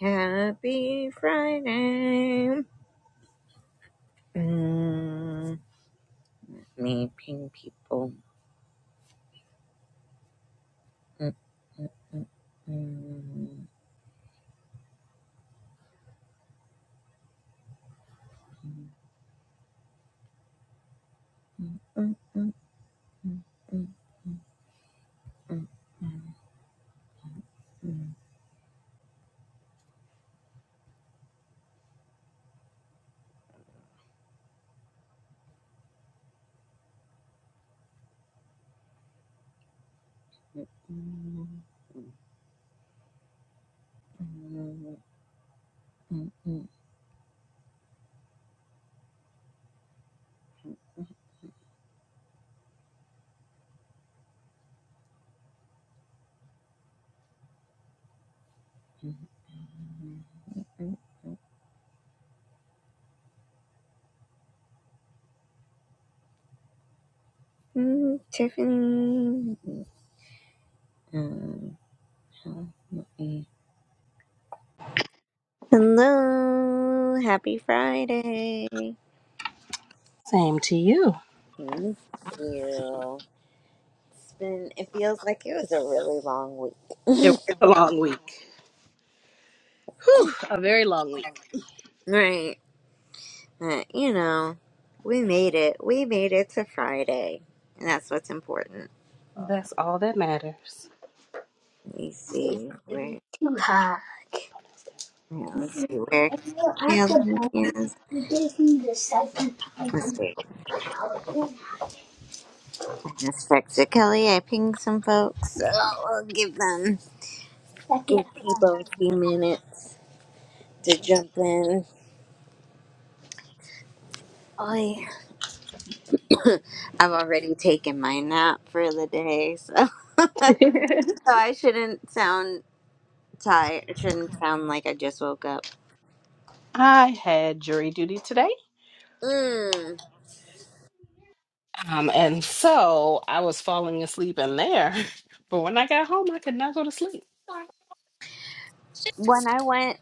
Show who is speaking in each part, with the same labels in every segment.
Speaker 1: Happy Friday. Mm, me ping people. Mm, mm, mm. Mm, mm, mm, mm, mm, mm, mm, mm, mm, mm, mm, mm, mm. Mm, Tiffany. Um, help me. Hello. Happy Friday. Thank
Speaker 2: Same to you.
Speaker 1: you. It's been, it feels like it was a really long
Speaker 2: It was
Speaker 1: week.
Speaker 2: a long week, a very long week.
Speaker 1: Right. But, you know, we made it. We made it to Friday. And that's what's important.
Speaker 2: That's all that matters.
Speaker 1: Let me see where, yeah, let's see where Kelly is. Let's see. I just texted Kelly. I pinged some folks. So i will give them, give people a few minutes to jump in. I, I've already taken my nap for the day, so, so I shouldn't sound tired. It shouldn't sound like I just woke up.
Speaker 2: I had jury duty today.
Speaker 1: Mm.
Speaker 2: Um, and so I was falling asleep in there. But when I got home, I could not go to sleep.
Speaker 1: When I went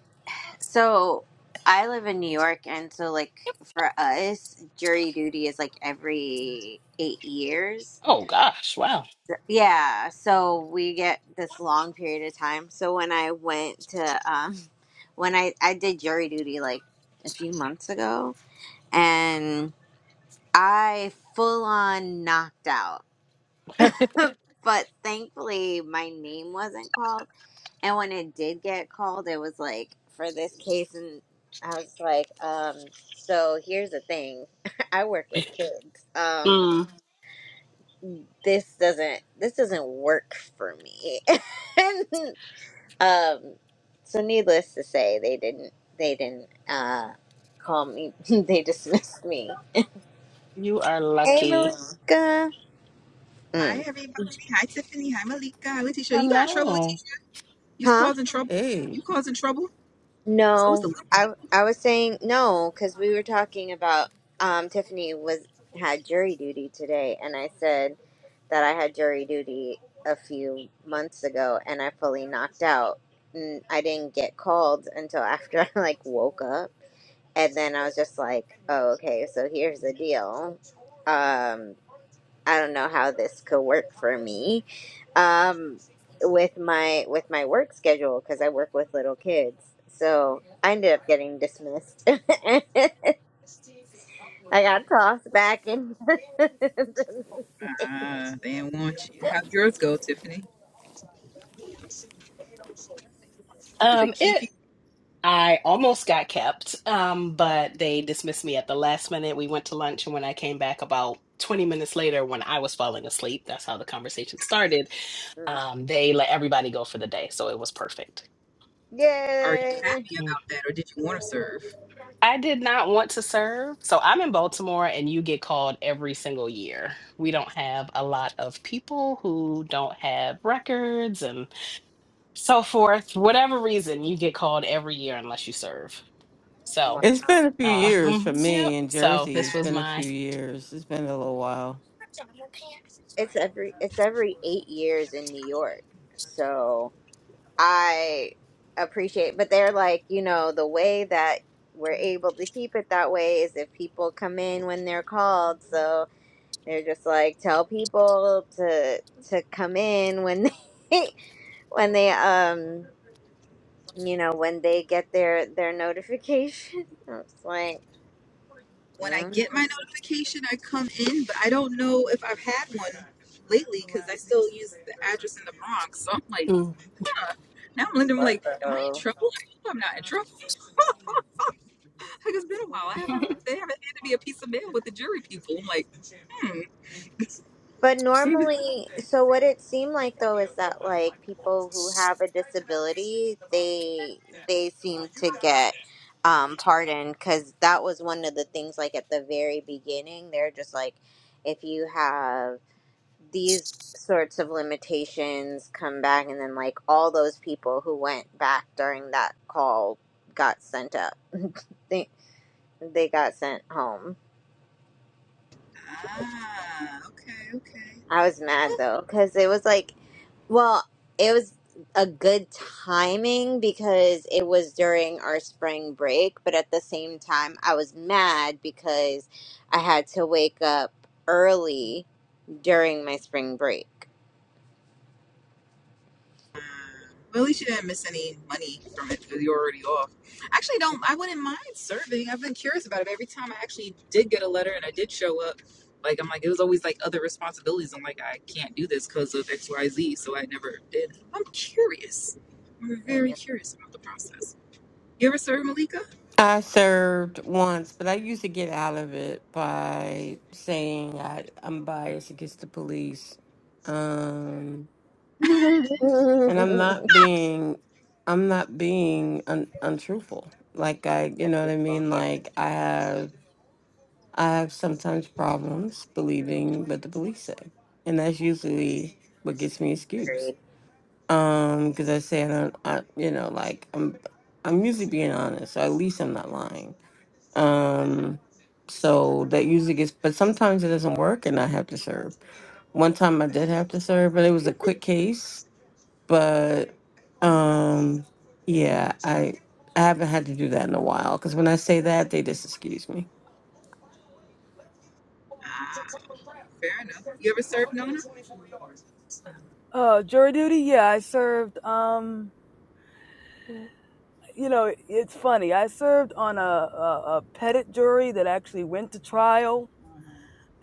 Speaker 1: So I live in New York, and so like for us, jury duty is like every eight years.
Speaker 2: Oh gosh, wow.
Speaker 1: So, Yeah, so we get this long period of time. So when I went to um, when I I did jury duty like a few months ago, and I full on knocked out. but thankfully, my name wasn't called And when it did get called, it was like for this case, and I was like, um, so here's the thing: I work with kids. Um,
Speaker 2: Mm,
Speaker 1: this doesn't this doesn't work for me. And um, so needless to say, they didn't they didn't uh, call me. they dismissed me.
Speaker 2: you are
Speaker 1: Hey,
Speaker 2: lucky.
Speaker 1: Malika.
Speaker 3: Hi,
Speaker 1: Mm.
Speaker 3: everybody. Hi, Tiffany. Hi, Malika. Letitia, you got in trouble,
Speaker 2: Hello.
Speaker 3: Letitia? You
Speaker 1: Huh?
Speaker 3: causing trouble?
Speaker 4: Hey,
Speaker 3: You causing trouble? It's always the
Speaker 1: No,
Speaker 3: little
Speaker 1: I
Speaker 3: people.
Speaker 1: I was saying no because we were talking about um, Tiffany was had jury duty today, and I said that I had jury duty a few months ago, and I fully knocked out. And I didn't get called until after I like woke up, and then I was just like, "Oh, okay, so here's the deal." Um, I don't know how this could work for me um, with my with my work schedule because I work with little kids. So I ended up getting dismissed. I got tossed back in. the
Speaker 3: Ah, they didn't want you. How'd yours go, Tiffany? Did they
Speaker 2: Um, it
Speaker 3: keep you?
Speaker 2: I almost got kept, um, but they dismissed me at the last minute. We went to lunch, and when I came back about 20 minutes later, when I was falling asleep, that's how the conversation started.
Speaker 1: Mm.
Speaker 2: Um, they let everybody go for the day, so it was perfect.
Speaker 3: Are you
Speaker 1: Yay!
Speaker 3: happy
Speaker 2: Mm.
Speaker 3: about that, or did you want to serve?
Speaker 2: I did not want to serve. So I'm in Baltimore, and you get called every single year. We don't have a lot of people who don't have records and so forth. Whatever reason, you get called every year unless you serve.
Speaker 1: Wow.
Speaker 2: So.
Speaker 4: it's been a few years for
Speaker 2: Um, yep.
Speaker 4: me in
Speaker 2: So
Speaker 4: Jersey.
Speaker 2: this
Speaker 4: It's
Speaker 2: was
Speaker 4: been a
Speaker 2: my.
Speaker 4: few years. It's been a little while.
Speaker 1: It's every it's every eight years in New York. So I appreciate, but they're like, you know, the way that we're able to keep it that way is if people come in when they're called. So they're just like, tell people to to come in when they when they um you know when they get their their notification. It's was like,
Speaker 3: When I get my notification, I come in, but I don't know if I've had one lately because I still use the address in the Bronx. So I'm like,
Speaker 2: Mm.
Speaker 3: now I'm Linda. I'm like, am I in
Speaker 1: no,
Speaker 3: trouble? I hope I'm not in trouble. Like it's been a while. I haven't. They haven't handed me a piece of mail with the jury people. I'm like, hmm.
Speaker 1: But
Speaker 3: Maybe.
Speaker 1: normally, so what it seemed like though is that like people who have a disability, they they seem to get um pardoned because that was one of the things like at the very beginning, they're just like if you have these sorts of limitations come back and then like all those people who went back during that call got sent up. They they got sent home.
Speaker 3: Ah, okay, okay.
Speaker 1: I was mad though, because it was like, well, it was a good timing because it was during our spring break, but at the same time, I was mad because I had to wake up early during my spring break.
Speaker 3: Well, at least you didn't miss any money from it because you're already off. Actually, don't. I wouldn't mind serving. I've been curious about it. Every time I actually did get a letter and I did show up, like I'm like it was always like other responsibilities. I'm like I can't do this because of X, Y, Z. So I never did. I'm curious. I'm very
Speaker 1: Yeah.
Speaker 3: curious about the process. You ever served Malika?
Speaker 4: I served once, but I used to get out of it by saying I, I'm biased against the police. Um, and I'm not being, I'm not being un, untruthful. Like I, you
Speaker 1: That's
Speaker 4: know what
Speaker 1: just
Speaker 4: I
Speaker 1: long
Speaker 4: mean?
Speaker 1: and
Speaker 4: Like I have, I have sometimes problems believing what the police say. And that's usually what gets me excused.
Speaker 1: grade.
Speaker 4: Um, because I say I don't, I, you know, like I'm, I'm usually being honest, so at least I'm not lying. Um, so that usually gets, but sometimes it doesn't work, and I have to serve. One time I did have to serve, but it was a quick case. But, um, yeah, I, I haven't had to do that in a while. Because when I say that, they just excuse me.
Speaker 3: Ah, fair enough. You ever served Nona?
Speaker 5: Uh, jury duty. Yeah, I served. Um, you know, it's funny. I served on a, a, a petit jury that actually went to trial,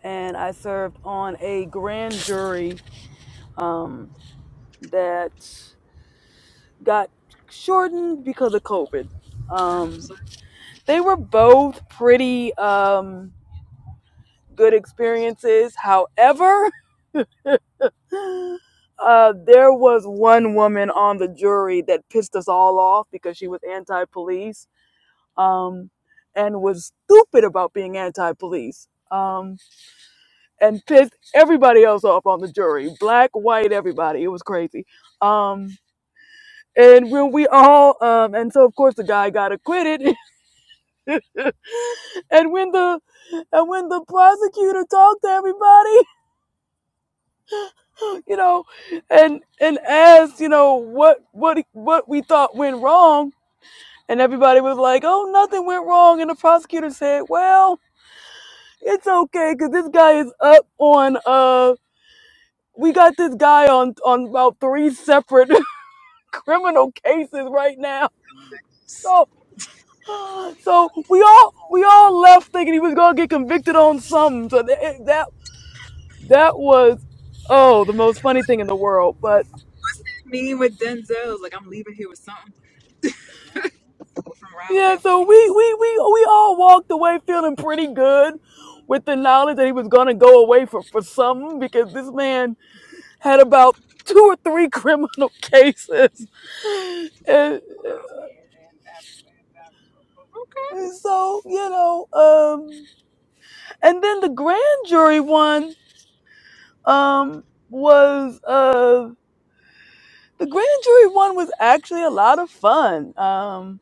Speaker 5: and I served on a grand jury um, that got shortened because of COVID.
Speaker 3: What I'm
Speaker 5: Um,
Speaker 3: so-
Speaker 5: they were both pretty um, good experiences. However, uh, there was one woman on the jury that pissed us all off because she was anti-police um, and was stupid about being anti-police um, and pissed everybody else off on the jury, black, white, everybody. It was crazy. Um, and when we all, um, and so of course the guy got acquitted. and when the, and when the prosecutor talked to everybody, you know, and and asked, you know, what what what we thought went wrong, and everybody was like, "Oh, nothing went wrong," and the prosecutor said, "Well." It's okay because this guy is up on uh we got this guy on on about three separate criminal cases right now. So so we all we all left thinking he was gonna get convicted on something. So that that, that was oh the most funny thing in the world. But
Speaker 3: with Denzel, like I'm leaving here with something. From around the way,
Speaker 5: yeah,
Speaker 3: I'm
Speaker 5: so
Speaker 3: leaving here with
Speaker 5: we
Speaker 3: something.
Speaker 5: we we we all walked away feeling pretty good with the knowledge that he was gonna go away for for something because this man had about two or three criminal cases. And, and so, you know, um and then the grand jury one um was uh the grand jury one was actually a lot of fun. Um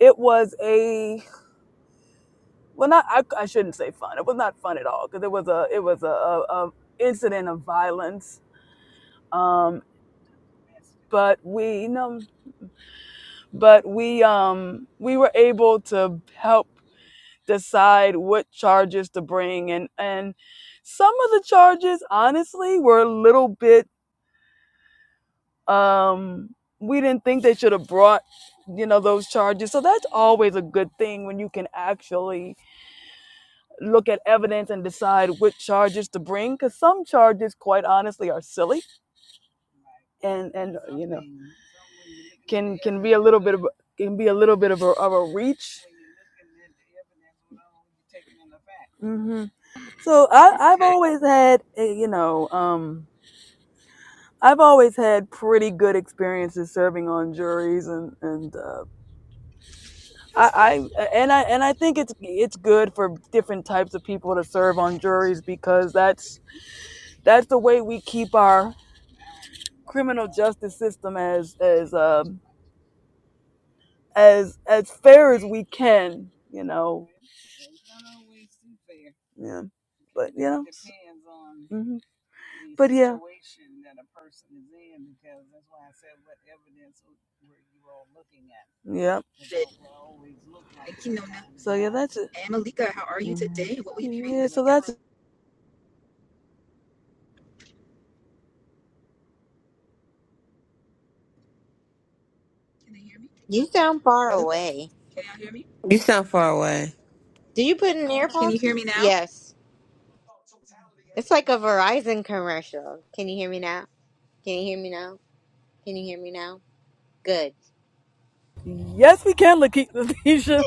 Speaker 5: it was a well not I, I shouldn't say fun. It was not fun at all because it was a it was a, a, a incident of violence. Um but we you know, but we um we were able to help decide what charges to bring and and some of the charges honestly were a little bit um we didn't think they should have brought you know those charges so that's always a good thing when you can actually look at evidence and decide which charges to bring because some charges quite honestly are silly and and you know can can be a little bit of can be a little bit of a, of a reach hmm so I, I've
Speaker 3: Okay.
Speaker 5: always had, a, you know, um, I've always had pretty good experiences serving on juries, and and uh,
Speaker 3: Okay.
Speaker 5: I, I and I and I think it's it's good for different types of people to serve on juries because that's that's the way we keep our criminal justice system as as um, as as fair as
Speaker 3: May,
Speaker 5: we can, you know. Yeah, but you know. hmm But yeah, situation that a person is in, because that's why I said what evidence Yep. About what always look like
Speaker 3: Thank you, Nona.
Speaker 5: sometimes. So yeah, that's it.
Speaker 3: And Malika, how are you today? What will you be reading
Speaker 5: Yeah,
Speaker 3: this
Speaker 5: so
Speaker 3: weekend?
Speaker 5: that's
Speaker 3: Can they hear me?
Speaker 1: You sound far
Speaker 3: Hello?
Speaker 1: away.
Speaker 3: Can y'all hear me?
Speaker 4: You sound far away.
Speaker 1: Did you put in
Speaker 3: Can you
Speaker 1: earphones?
Speaker 3: hear me now?
Speaker 1: Yes. It's like a Verizon commercial. Can you hear me now? Can you hear me now? Can you hear me now? Good.
Speaker 5: yes, we can Lake-
Speaker 1: No,
Speaker 5: Lakeisha.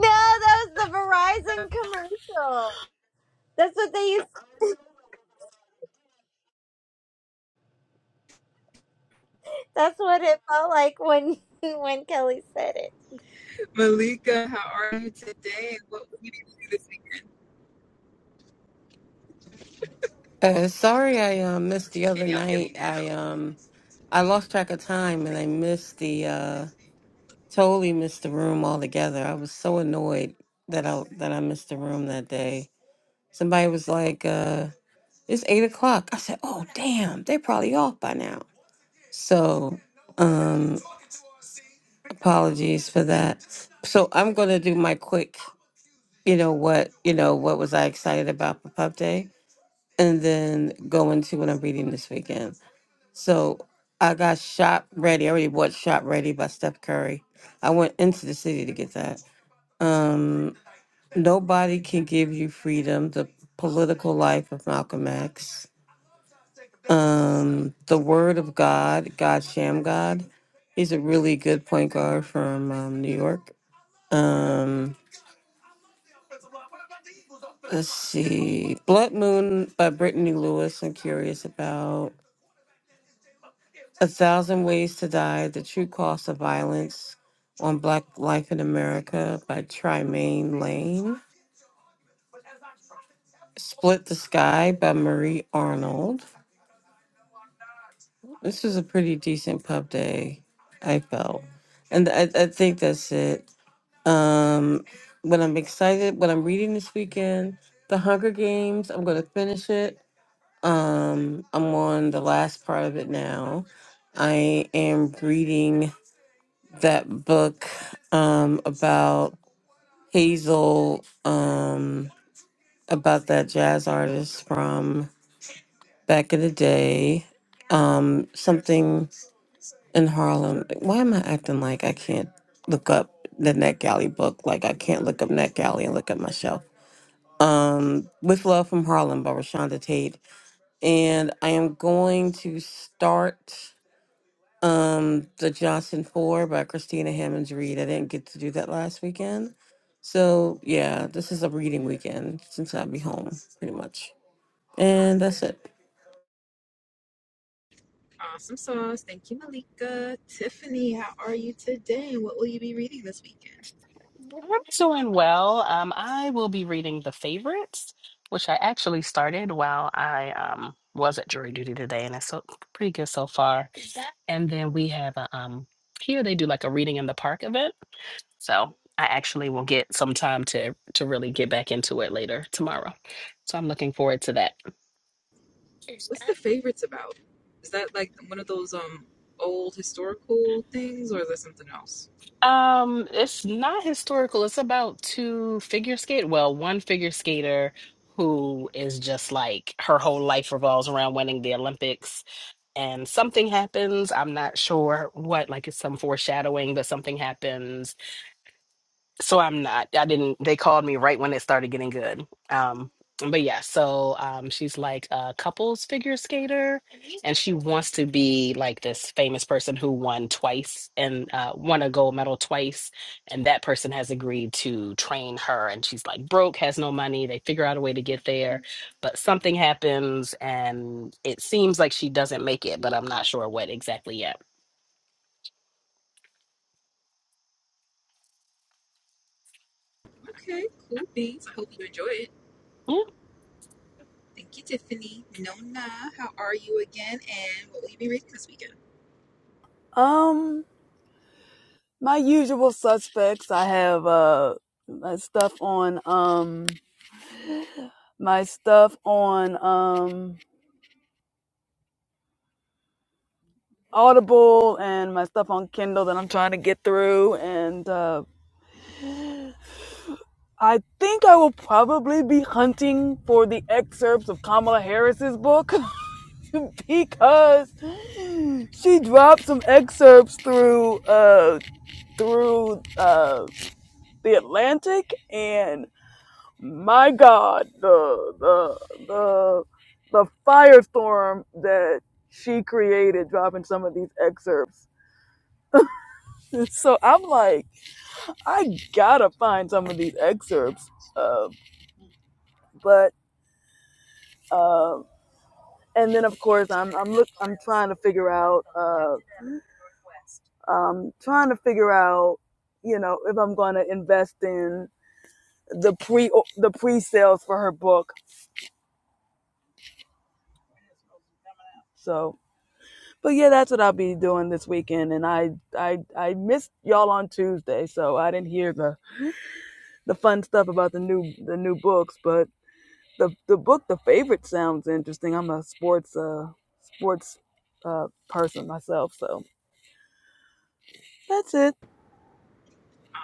Speaker 1: that was the Verizon commercial. That's what they used. That's what it felt like when when Kelly said it.
Speaker 3: Malika, how are you today? What will you be reading this weekend?
Speaker 4: Uh, sorry, I uh, missed the
Speaker 3: Can
Speaker 4: other
Speaker 3: y'all hear me
Speaker 4: night. I
Speaker 3: now?
Speaker 4: um, I lost track of time, and I missed the uh. totally missed the room altogether. I was so annoyed that I that I missed the room that day. Somebody was like, uh, it's eight o'clock. I said, Oh damn, they're probably off by now. So um apologies for that. So I'm gonna do my quick, you know what, you know, what was I excited about for Pub Day? And then go into what I'm reading this weekend. So I got Shop Ready. I already bought Shop Ready by Steph Curry. I went into the city to get that. Um, Nobody can give you freedom. The political life of Malcolm X. Um, the Word of God, God Sham God. He's a really good point guard from um, New York. Um, let's see. Blood Moon by Brittany Lewis. I'm curious about A Thousand Ways to Die, The True Cost of Violence on Black Life in America by Trimaine Lane. Split the Sky by Marie Arnold. This was a pretty decent pub day, I felt. And I, I think that's it. Um, what I'm excited, what I'm reading this weekend, The Hunger Games, I'm going to finish it. Um, I'm on the last part of it now. I am reading that book um, about Hazel, um, about that jazz artist from back in the day. Um, something in Harlem. Why am I acting like I can't look up the NetGalley book? Like I can't look up NetGalley and look up my shelf. Um, With Love from Harlem by Rashonda Tate, and I am going to start um the Johnson Four by Christina Hammonds Reed. I didn't get to do that last weekend, so yeah, this is a reading weekend since I'll be home pretty much, and that's it.
Speaker 3: Awesome sauce. Thank you, Malika. Tiffany, how are you today? What will you be reading this weekend?
Speaker 2: I'm doing well. Um, I will be reading the favorites, which I actually started while I um was at jury duty today, and it's so pretty good so far. And then we have a um here they do like a reading in the park event, so I actually will get some time to to really get back into it later tomorrow. So I'm looking forward to that.
Speaker 3: What's the favorites about? Is that like one of those um old historical things or is there something else?
Speaker 2: Um, it's not historical. It's about two figure skate. Well, one figure skater who is just like her whole life revolves around winning the Olympics, and something happens. I'm not sure what. Like it's some foreshadowing, but something happens so I'm not. I didn't. They called me right when it started getting good. Um, but yeah. So um, she's like a couples figure skater, and she wants to be like this famous person who won twice and uh, won a gold medal twice, and that person has agreed to train her, and she's like broke, has no money. They figure out a way to get there, but something happens, and it seems like she doesn't make it, but I'm not sure what exactly yet.
Speaker 3: Okay, cool beans. I hope you enjoy it.
Speaker 2: Mm.
Speaker 3: Thank you, Tiffany. Nona, how are you again? And what will you be reading this weekend?
Speaker 5: Um, my usual suspects. I have uh my stuff on um my stuff on um Audible and my stuff on Kindle that I'm trying to get through, and uh, I think I will probably be hunting for the excerpts of Kamala Harris's book. because she dropped some excerpts through uh through uh the Atlantic and my god the the the the firestorm that she created dropping some of these excerpts. So I'm like, I gotta find some of these excerpts. Uh, but uh, and then of course I'm I'm look I'm trying to figure out uh. um, trying to figure out, you know, if I'm going to invest in the pre the pre sales for her book. So, but yeah, that's what I'll be doing this weekend. And I I I missed y'all on Tuesday, so I didn't hear the the fun stuff about the new the new books. But the the book, the favorite, sounds interesting. I'm a sports uh sports uh person myself, so that's it.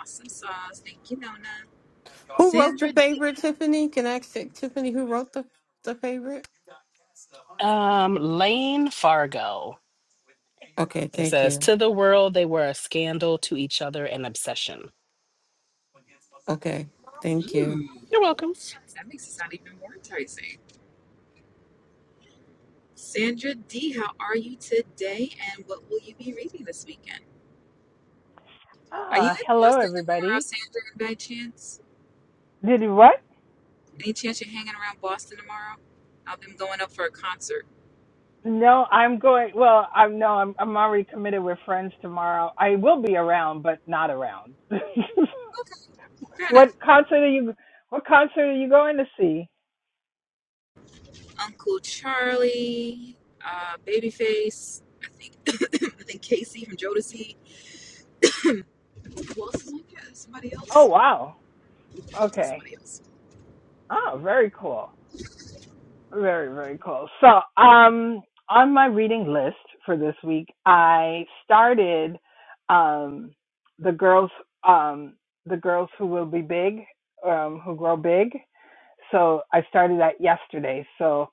Speaker 3: Awesome sauce. Thank you, Nona.
Speaker 4: Who wrote the
Speaker 3: Sandra D.
Speaker 4: favorite, Tiffany? Can I ask Tiffany who wrote the, the favorite?
Speaker 2: Um, Lane Fargo.
Speaker 4: Okay,
Speaker 2: It
Speaker 4: thank
Speaker 2: says,
Speaker 4: you.
Speaker 2: To the world, they were a scandal, to each other, an obsession.
Speaker 4: Okay, thank you.
Speaker 3: Ooh,
Speaker 2: You're welcome.
Speaker 3: that makes it sound even more enticing. Sandra D, how are you today? And what will you be reading this weekend? Are you
Speaker 6: Ah,
Speaker 3: in
Speaker 6: hello
Speaker 3: Boston tomorrow,
Speaker 6: everybody.
Speaker 3: Sandra, by chance?
Speaker 6: Did you what?
Speaker 3: Any chance you're hanging around Boston tomorrow? I've been going up for a concert.
Speaker 6: No, I'm going. Well, I'm no, I'm I'm already committed with friends tomorrow. I will be around, but not around.
Speaker 3: Okay, fair
Speaker 6: what
Speaker 3: enough.
Speaker 6: concert are you? What concert are you going to see?
Speaker 3: Uncle Charlie, uh, Babyface, I think, I think Casey from Jodeci. Who else is like that? Somebody
Speaker 6: Oh
Speaker 3: else?
Speaker 6: wow. Okay.
Speaker 3: Somebody else.
Speaker 6: Oh, very cool. Very very cool. So, um, on my reading list for this week, I started, um, the girls, um, the girls who will be big, um, who grow big So I started that yesterday. So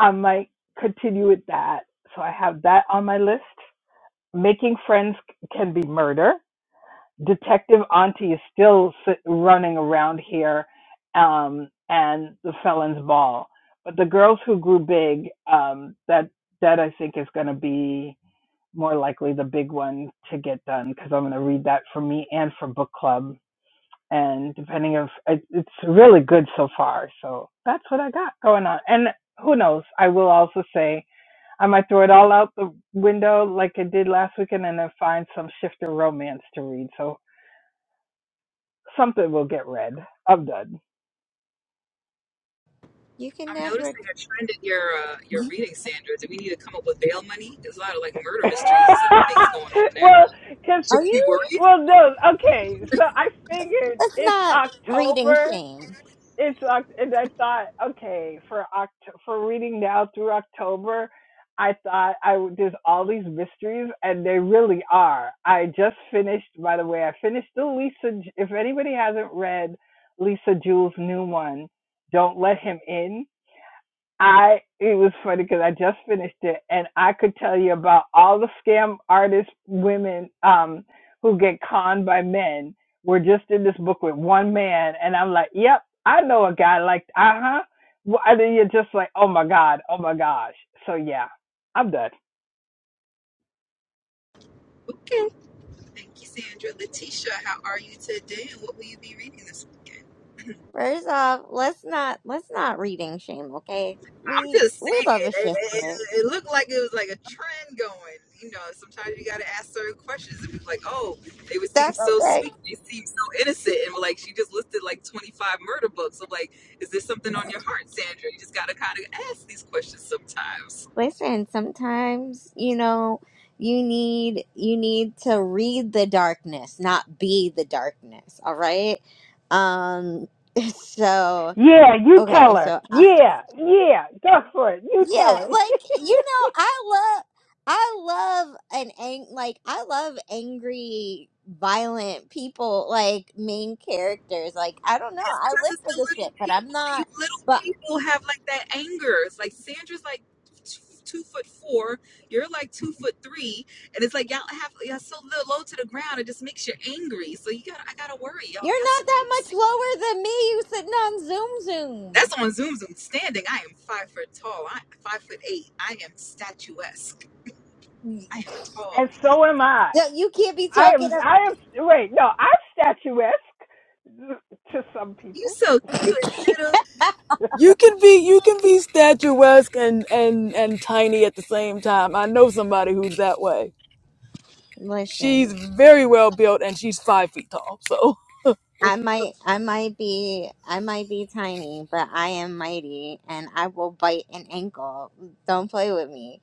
Speaker 6: I might continue with that. So I have that on my list. Making friends can be murder. Detective Auntie is still sit- running around here, um, and the Felon's Ball. But the girls who grew big, um, that that I think is going to be more likely the big one to get done because I'm going to read that for me and for book club and depending if it's really good so far. So that's what I got going on. And who knows? I will also say I might throw it all out the window like I did last weekend and then find some shifter romance to read. So something will get read. I'm done.
Speaker 1: You can
Speaker 3: I'm
Speaker 1: never.
Speaker 3: noticing a trend in your uh, your reading, Sandra. Do we need to come up with bail money? There's a lot of like murder mysteries and things going on there.
Speaker 6: well, cause
Speaker 3: Should
Speaker 1: Are
Speaker 3: we be
Speaker 1: you?
Speaker 3: worried?
Speaker 6: well no, okay. So I figured
Speaker 1: Let's
Speaker 6: it's
Speaker 1: not reading
Speaker 6: October.
Speaker 1: shame.
Speaker 6: it's and I thought, okay, for Oct- for reading now through October, I thought I would- there's all these mysteries, and they really are. I just finished, by the way, I finished the Lisa. If anybody hasn't read Lisa Jewell's new one, don't let him in. I it was funny because I just finished it, and I could tell you about all the scam artist women um, who get conned by men. We're just in this book with one man, and I'm like, "Yep, I know a guy like uh huh." Well, and then you're just like, "Oh my god, oh my gosh." So yeah, I'm done.
Speaker 3: Okay. Thank you, Sandra. Letitia, how are you today? And what will you be reading this weekend?
Speaker 1: First off, let's not let's not reading shame. Okay,
Speaker 3: I'm
Speaker 1: we
Speaker 3: just
Speaker 1: we
Speaker 3: saying,
Speaker 1: love a
Speaker 3: it, it,
Speaker 1: shifter.
Speaker 3: it looked like it was like a trend going. You know, sometimes you got to ask certain questions and be like, oh, they would seem
Speaker 1: That's
Speaker 3: so
Speaker 1: okay.
Speaker 3: sweet, they seem so innocent, and like she just listed like 25 murder books. I'm like, is there something on your heart, Sandra? You just got to kind of ask these questions sometimes.
Speaker 1: Listen, sometimes you know you need you need to read the darkness, not be the darkness. All right. Um. So.
Speaker 6: Yeah, you tell
Speaker 1: Okay,
Speaker 6: her.
Speaker 1: so I-
Speaker 6: Yeah, yeah, go for it. You tell
Speaker 1: yeah,
Speaker 6: her.
Speaker 1: like you know, I love I love an ang like I love angry, violent people like main characters. Like I don't know,
Speaker 3: It's
Speaker 1: I
Speaker 3: because
Speaker 1: live
Speaker 3: it's
Speaker 1: for
Speaker 3: the
Speaker 1: the
Speaker 3: little
Speaker 1: shit, but I'm
Speaker 3: people. You
Speaker 1: not.
Speaker 3: little
Speaker 1: But
Speaker 3: people have like that anger. It's like Sandra's like two, two foot four. You're like two foot three, and it's like y'all have y'all so little low to the ground. It just makes you angry. So you got to I gotta worry y'all.
Speaker 1: you're
Speaker 3: Y'all
Speaker 1: not that much
Speaker 3: spicy.
Speaker 1: lower than me. You sitting on Zoom
Speaker 3: That's
Speaker 1: Zoom.
Speaker 3: on Zoom Zoom standing. I am five foot tall. I five foot eight. I am statuesque. I am a tall
Speaker 6: and
Speaker 3: lady.
Speaker 6: so am I.
Speaker 1: So you can't be
Speaker 6: I
Speaker 1: talking
Speaker 6: am.
Speaker 1: up.
Speaker 6: I am. Wait, no, I'm statuesque to some
Speaker 3: You
Speaker 6: people.
Speaker 3: so cute, little.
Speaker 5: You can be you can be statuesque and and and tiny at the same time. I know somebody who's that way. She's
Speaker 1: Listen.
Speaker 5: very well built and she's five feet tall. So
Speaker 1: I might I might be I might be tiny, but I am mighty and I will bite an ankle. Don't play with me.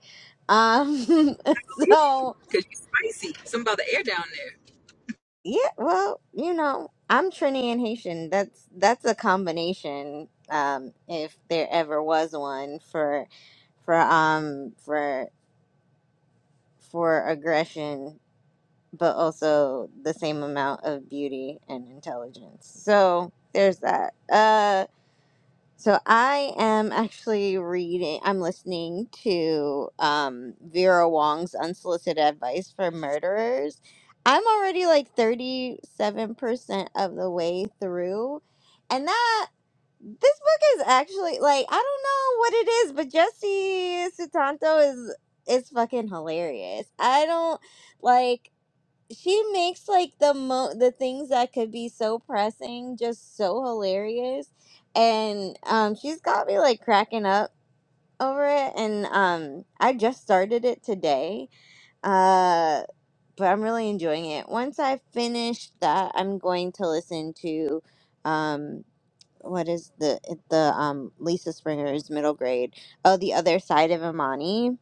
Speaker 1: Um so
Speaker 3: Cause you spicy. Something about the air down there.
Speaker 1: yeah, well, you know, I'm Trini and Haitian. That's that's a combination, um, if there ever was one for for um for for aggression, but also the same amount of beauty and intelligence. So there's that. Uh, So I am actually reading, I'm listening to um, Vera Wong's Unsolicited Advice for Murderers. I'm already like 37% of the way through. And that, this book is actually like, I don't know what it is, but Jesse Sutanto is, is fucking hilarious. I don't like, she makes like the mo the things that could be so pressing just so hilarious and um she's got me like cracking up over it and um i just started it today uh but i'm really enjoying it once i finish that i'm going to listen to um what is the the um lisa springer's middle grade oh the other side of imani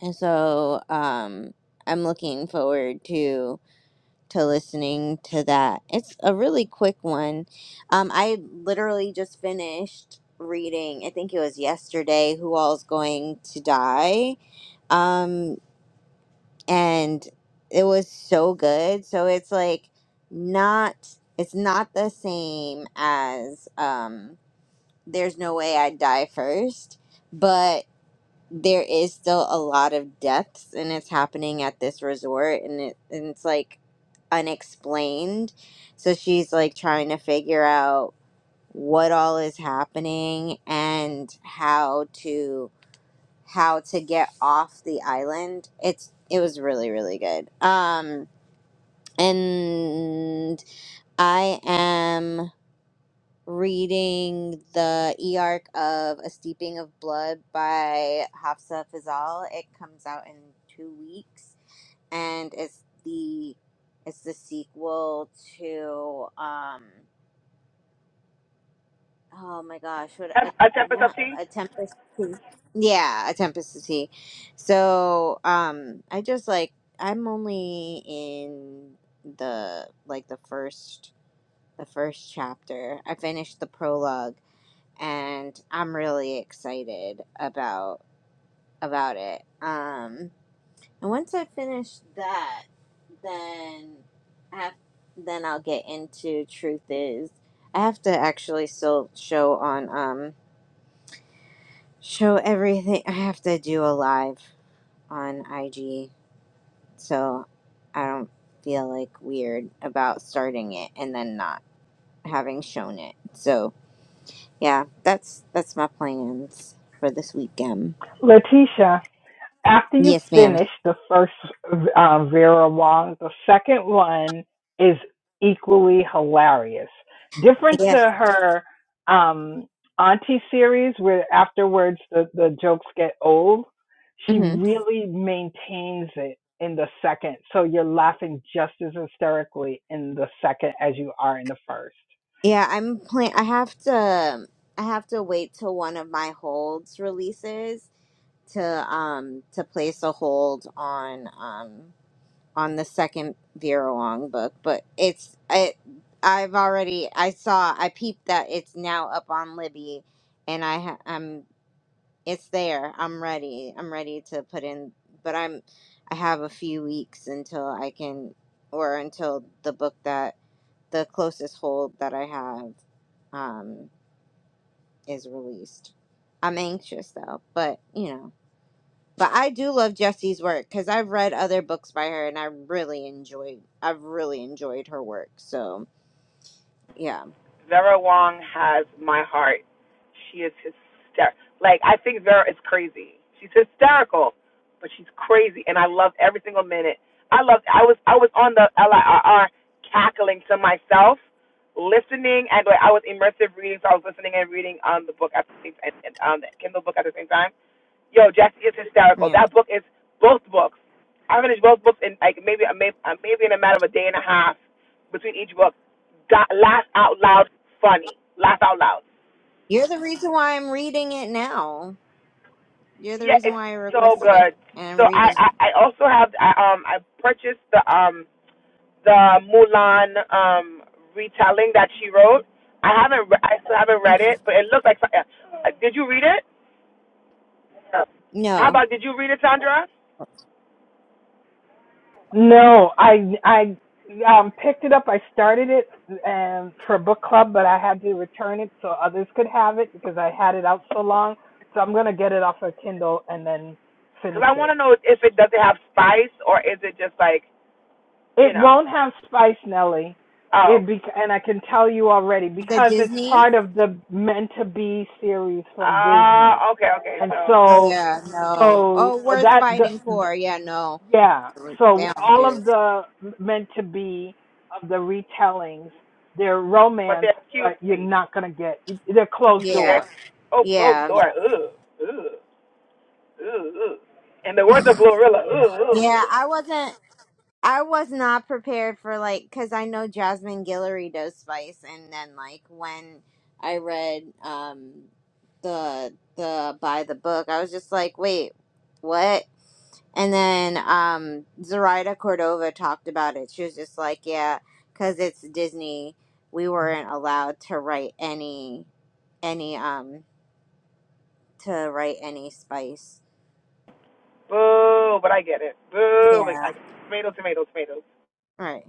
Speaker 1: and so um i'm looking forward to to listening to that. It's a really quick one. Um, I literally just finished reading, I think it was yesterday, Who All's Going to Die. Um, and it was so good. So it's like not, it's not the same as um, There's No Way I'd Die First. but there is still a lot of deaths and it's happening at this resort and it and it's like unexplained. So she's like trying to figure out what all is happening and how to how to get off the island. It's it was really really good. Um and I am reading the e arc of A Steeping of Blood by Hafsa Fazal. It comes out in two weeks, and it's the it's the sequel to um oh my gosh what a
Speaker 7: a temp cup of
Speaker 1: not
Speaker 7: tea.
Speaker 1: a tempest to Tea. yeah a tempest to tea so um i just like i'm only in the like the first the first chapter i finished the prologue and I'm really excited about about it. Um, and once I finish that, then I have, then I'll get into truth is I have to actually still show on um show everything. I have to do a live on IG, so I don't feel like weird about starting it and then not having shown it. So yeah, that's that's my plans for this weekend.
Speaker 6: Letitia, after you
Speaker 1: Yes, ma'am.
Speaker 6: finish the first uh, Vera Wong, the second one is equally hilarious. Different to
Speaker 1: Yeah.
Speaker 6: her um, Auntie series, where afterwards the, the jokes get old, she
Speaker 1: hmm
Speaker 6: really maintains it in the second. So you're laughing just as hysterically in the second as you are in the first.
Speaker 1: Yeah, I'm plan I have to I have to wait till one of my holds releases to um to place a hold on um on the second Vera Wong book, but it's it I've already I saw I peeped that it's now up on Libby and I ha- I'm it's there. I'm ready. I'm ready to put in but I'm I have a few weeks until I can or until the book that the closest hold that I have um, is released. I'm anxious though, but you know. But I do love Jessie's work because I've read other books by her and I really enjoyed. I've really enjoyed her work. So yeah,
Speaker 7: Vera Wong has my heart. She is hysterical. Like I think Vera is crazy. She's hysterical, but she's crazy, and I love every single minute. I loved. I was I was on the LIRR cackling to myself, listening, and like, I was immersive reading. So I was listening and reading um the book at the same and, and um the Kindle book at the same time. Yo, Jackie is hysterical.
Speaker 1: yeah.
Speaker 7: That book is both books. I finished both books in like maybe a may- uh, maybe in a matter of a day and a half between each book. Got laugh out loud funny. Laugh out loud.
Speaker 1: You're the reason why I'm reading it now. You're the
Speaker 7: Yeah,
Speaker 1: reason
Speaker 7: it's
Speaker 1: why I
Speaker 7: so
Speaker 1: requested it
Speaker 7: good.
Speaker 1: and I'm
Speaker 7: So I
Speaker 1: reading.
Speaker 7: I, I also have I, um I purchased the um the Mulan um retelling that she wrote. I haven't re- I still haven't read it,
Speaker 1: Mhm.
Speaker 7: but it looked like. Uh, did you read it? How
Speaker 1: No,
Speaker 7: about did you read it, Sandra?
Speaker 6: No, I I um picked it up. I started it um for book club, but I had to return it so others could have it because I had it out so long. So I'm gonna get it off of Kindle and then finish
Speaker 7: Because I want
Speaker 6: it.
Speaker 7: to know if it does it have spice or is it just like you
Speaker 6: It
Speaker 7: know.
Speaker 6: won't have spice, Nelly.
Speaker 7: Oh.
Speaker 6: It be and I can tell you already
Speaker 1: the
Speaker 6: because it's
Speaker 1: Disney.
Speaker 6: part of the meant to be series from
Speaker 7: Ah,
Speaker 6: Disney,
Speaker 7: uh, okay, okay.
Speaker 6: and
Speaker 7: So,
Speaker 1: Oh
Speaker 6: so
Speaker 1: yeah, no.
Speaker 6: so
Speaker 1: Oh, worth
Speaker 6: that the.
Speaker 1: fighting for. Yeah, no,
Speaker 6: Yeah.
Speaker 1: they
Speaker 6: So
Speaker 1: don't
Speaker 6: all
Speaker 1: do.
Speaker 6: of the meant to be of the retellings, they're
Speaker 7: but
Speaker 6: romance,
Speaker 7: they're
Speaker 6: but you're
Speaker 7: cutesy.
Speaker 6: not gonna get. They're closed
Speaker 7: They're
Speaker 1: Yeah,
Speaker 6: door.
Speaker 7: oh,
Speaker 1: yeah.
Speaker 7: closed door.
Speaker 6: Yeah.
Speaker 7: Ugh, ugh, ugh, ugh. And the words of Glorilla. Ugh, ugh.
Speaker 1: Yeah, I wasn't. I was not prepared for like because I know Jasmine Guillory does spice, and then like when I read um the the by the book, I was just like, wait, what? And then um Zoraida Cordova talked about it. She was just like, yeah, because it's Disney, we weren't allowed to write any any um to write any spice.
Speaker 7: Boo, but I get it. Boo, but
Speaker 1: Yeah.
Speaker 7: I tomato, tomato, tomato.
Speaker 1: Right.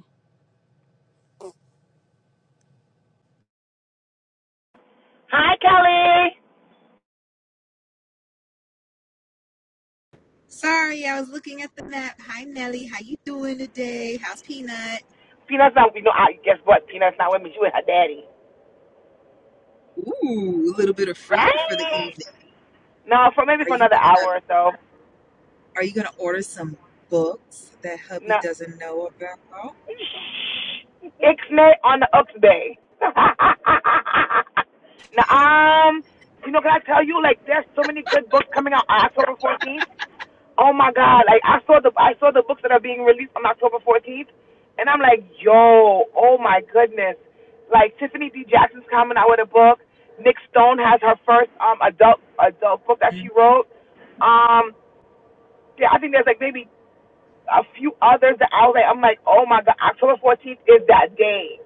Speaker 7: Hi, Kelly.
Speaker 3: Sorry, I was looking at the map. Hi, Nelly. How you doing today? How's Peanut?
Speaker 7: Peanut's not. You know, I guess what? Peanut's not with me. She with her daddy,
Speaker 3: Ooh, a little bit of freedom for the
Speaker 7: right?
Speaker 3: evening.
Speaker 7: No, for maybe
Speaker 3: Are
Speaker 7: for
Speaker 3: you
Speaker 7: another
Speaker 3: gonna
Speaker 7: hour or so.
Speaker 3: Are you gonna order some books that
Speaker 7: No,
Speaker 3: hubby doesn't know about?
Speaker 7: Ixnay on the Uxbay. now, um, you know, can I tell you, like, there's so many good books coming out on October 14th. Oh my God! Like, I saw the I saw the books that are being released on October 14th, and I'm like, yo, oh my goodness! Like Tiffany D. Jackson's coming out with a book. Nick Stone has her first um adult adult book that
Speaker 3: Mhm.
Speaker 7: she wrote. Um, yeah, I think there's like maybe a few others that out there. I'm like, oh my God, October 14th is that day.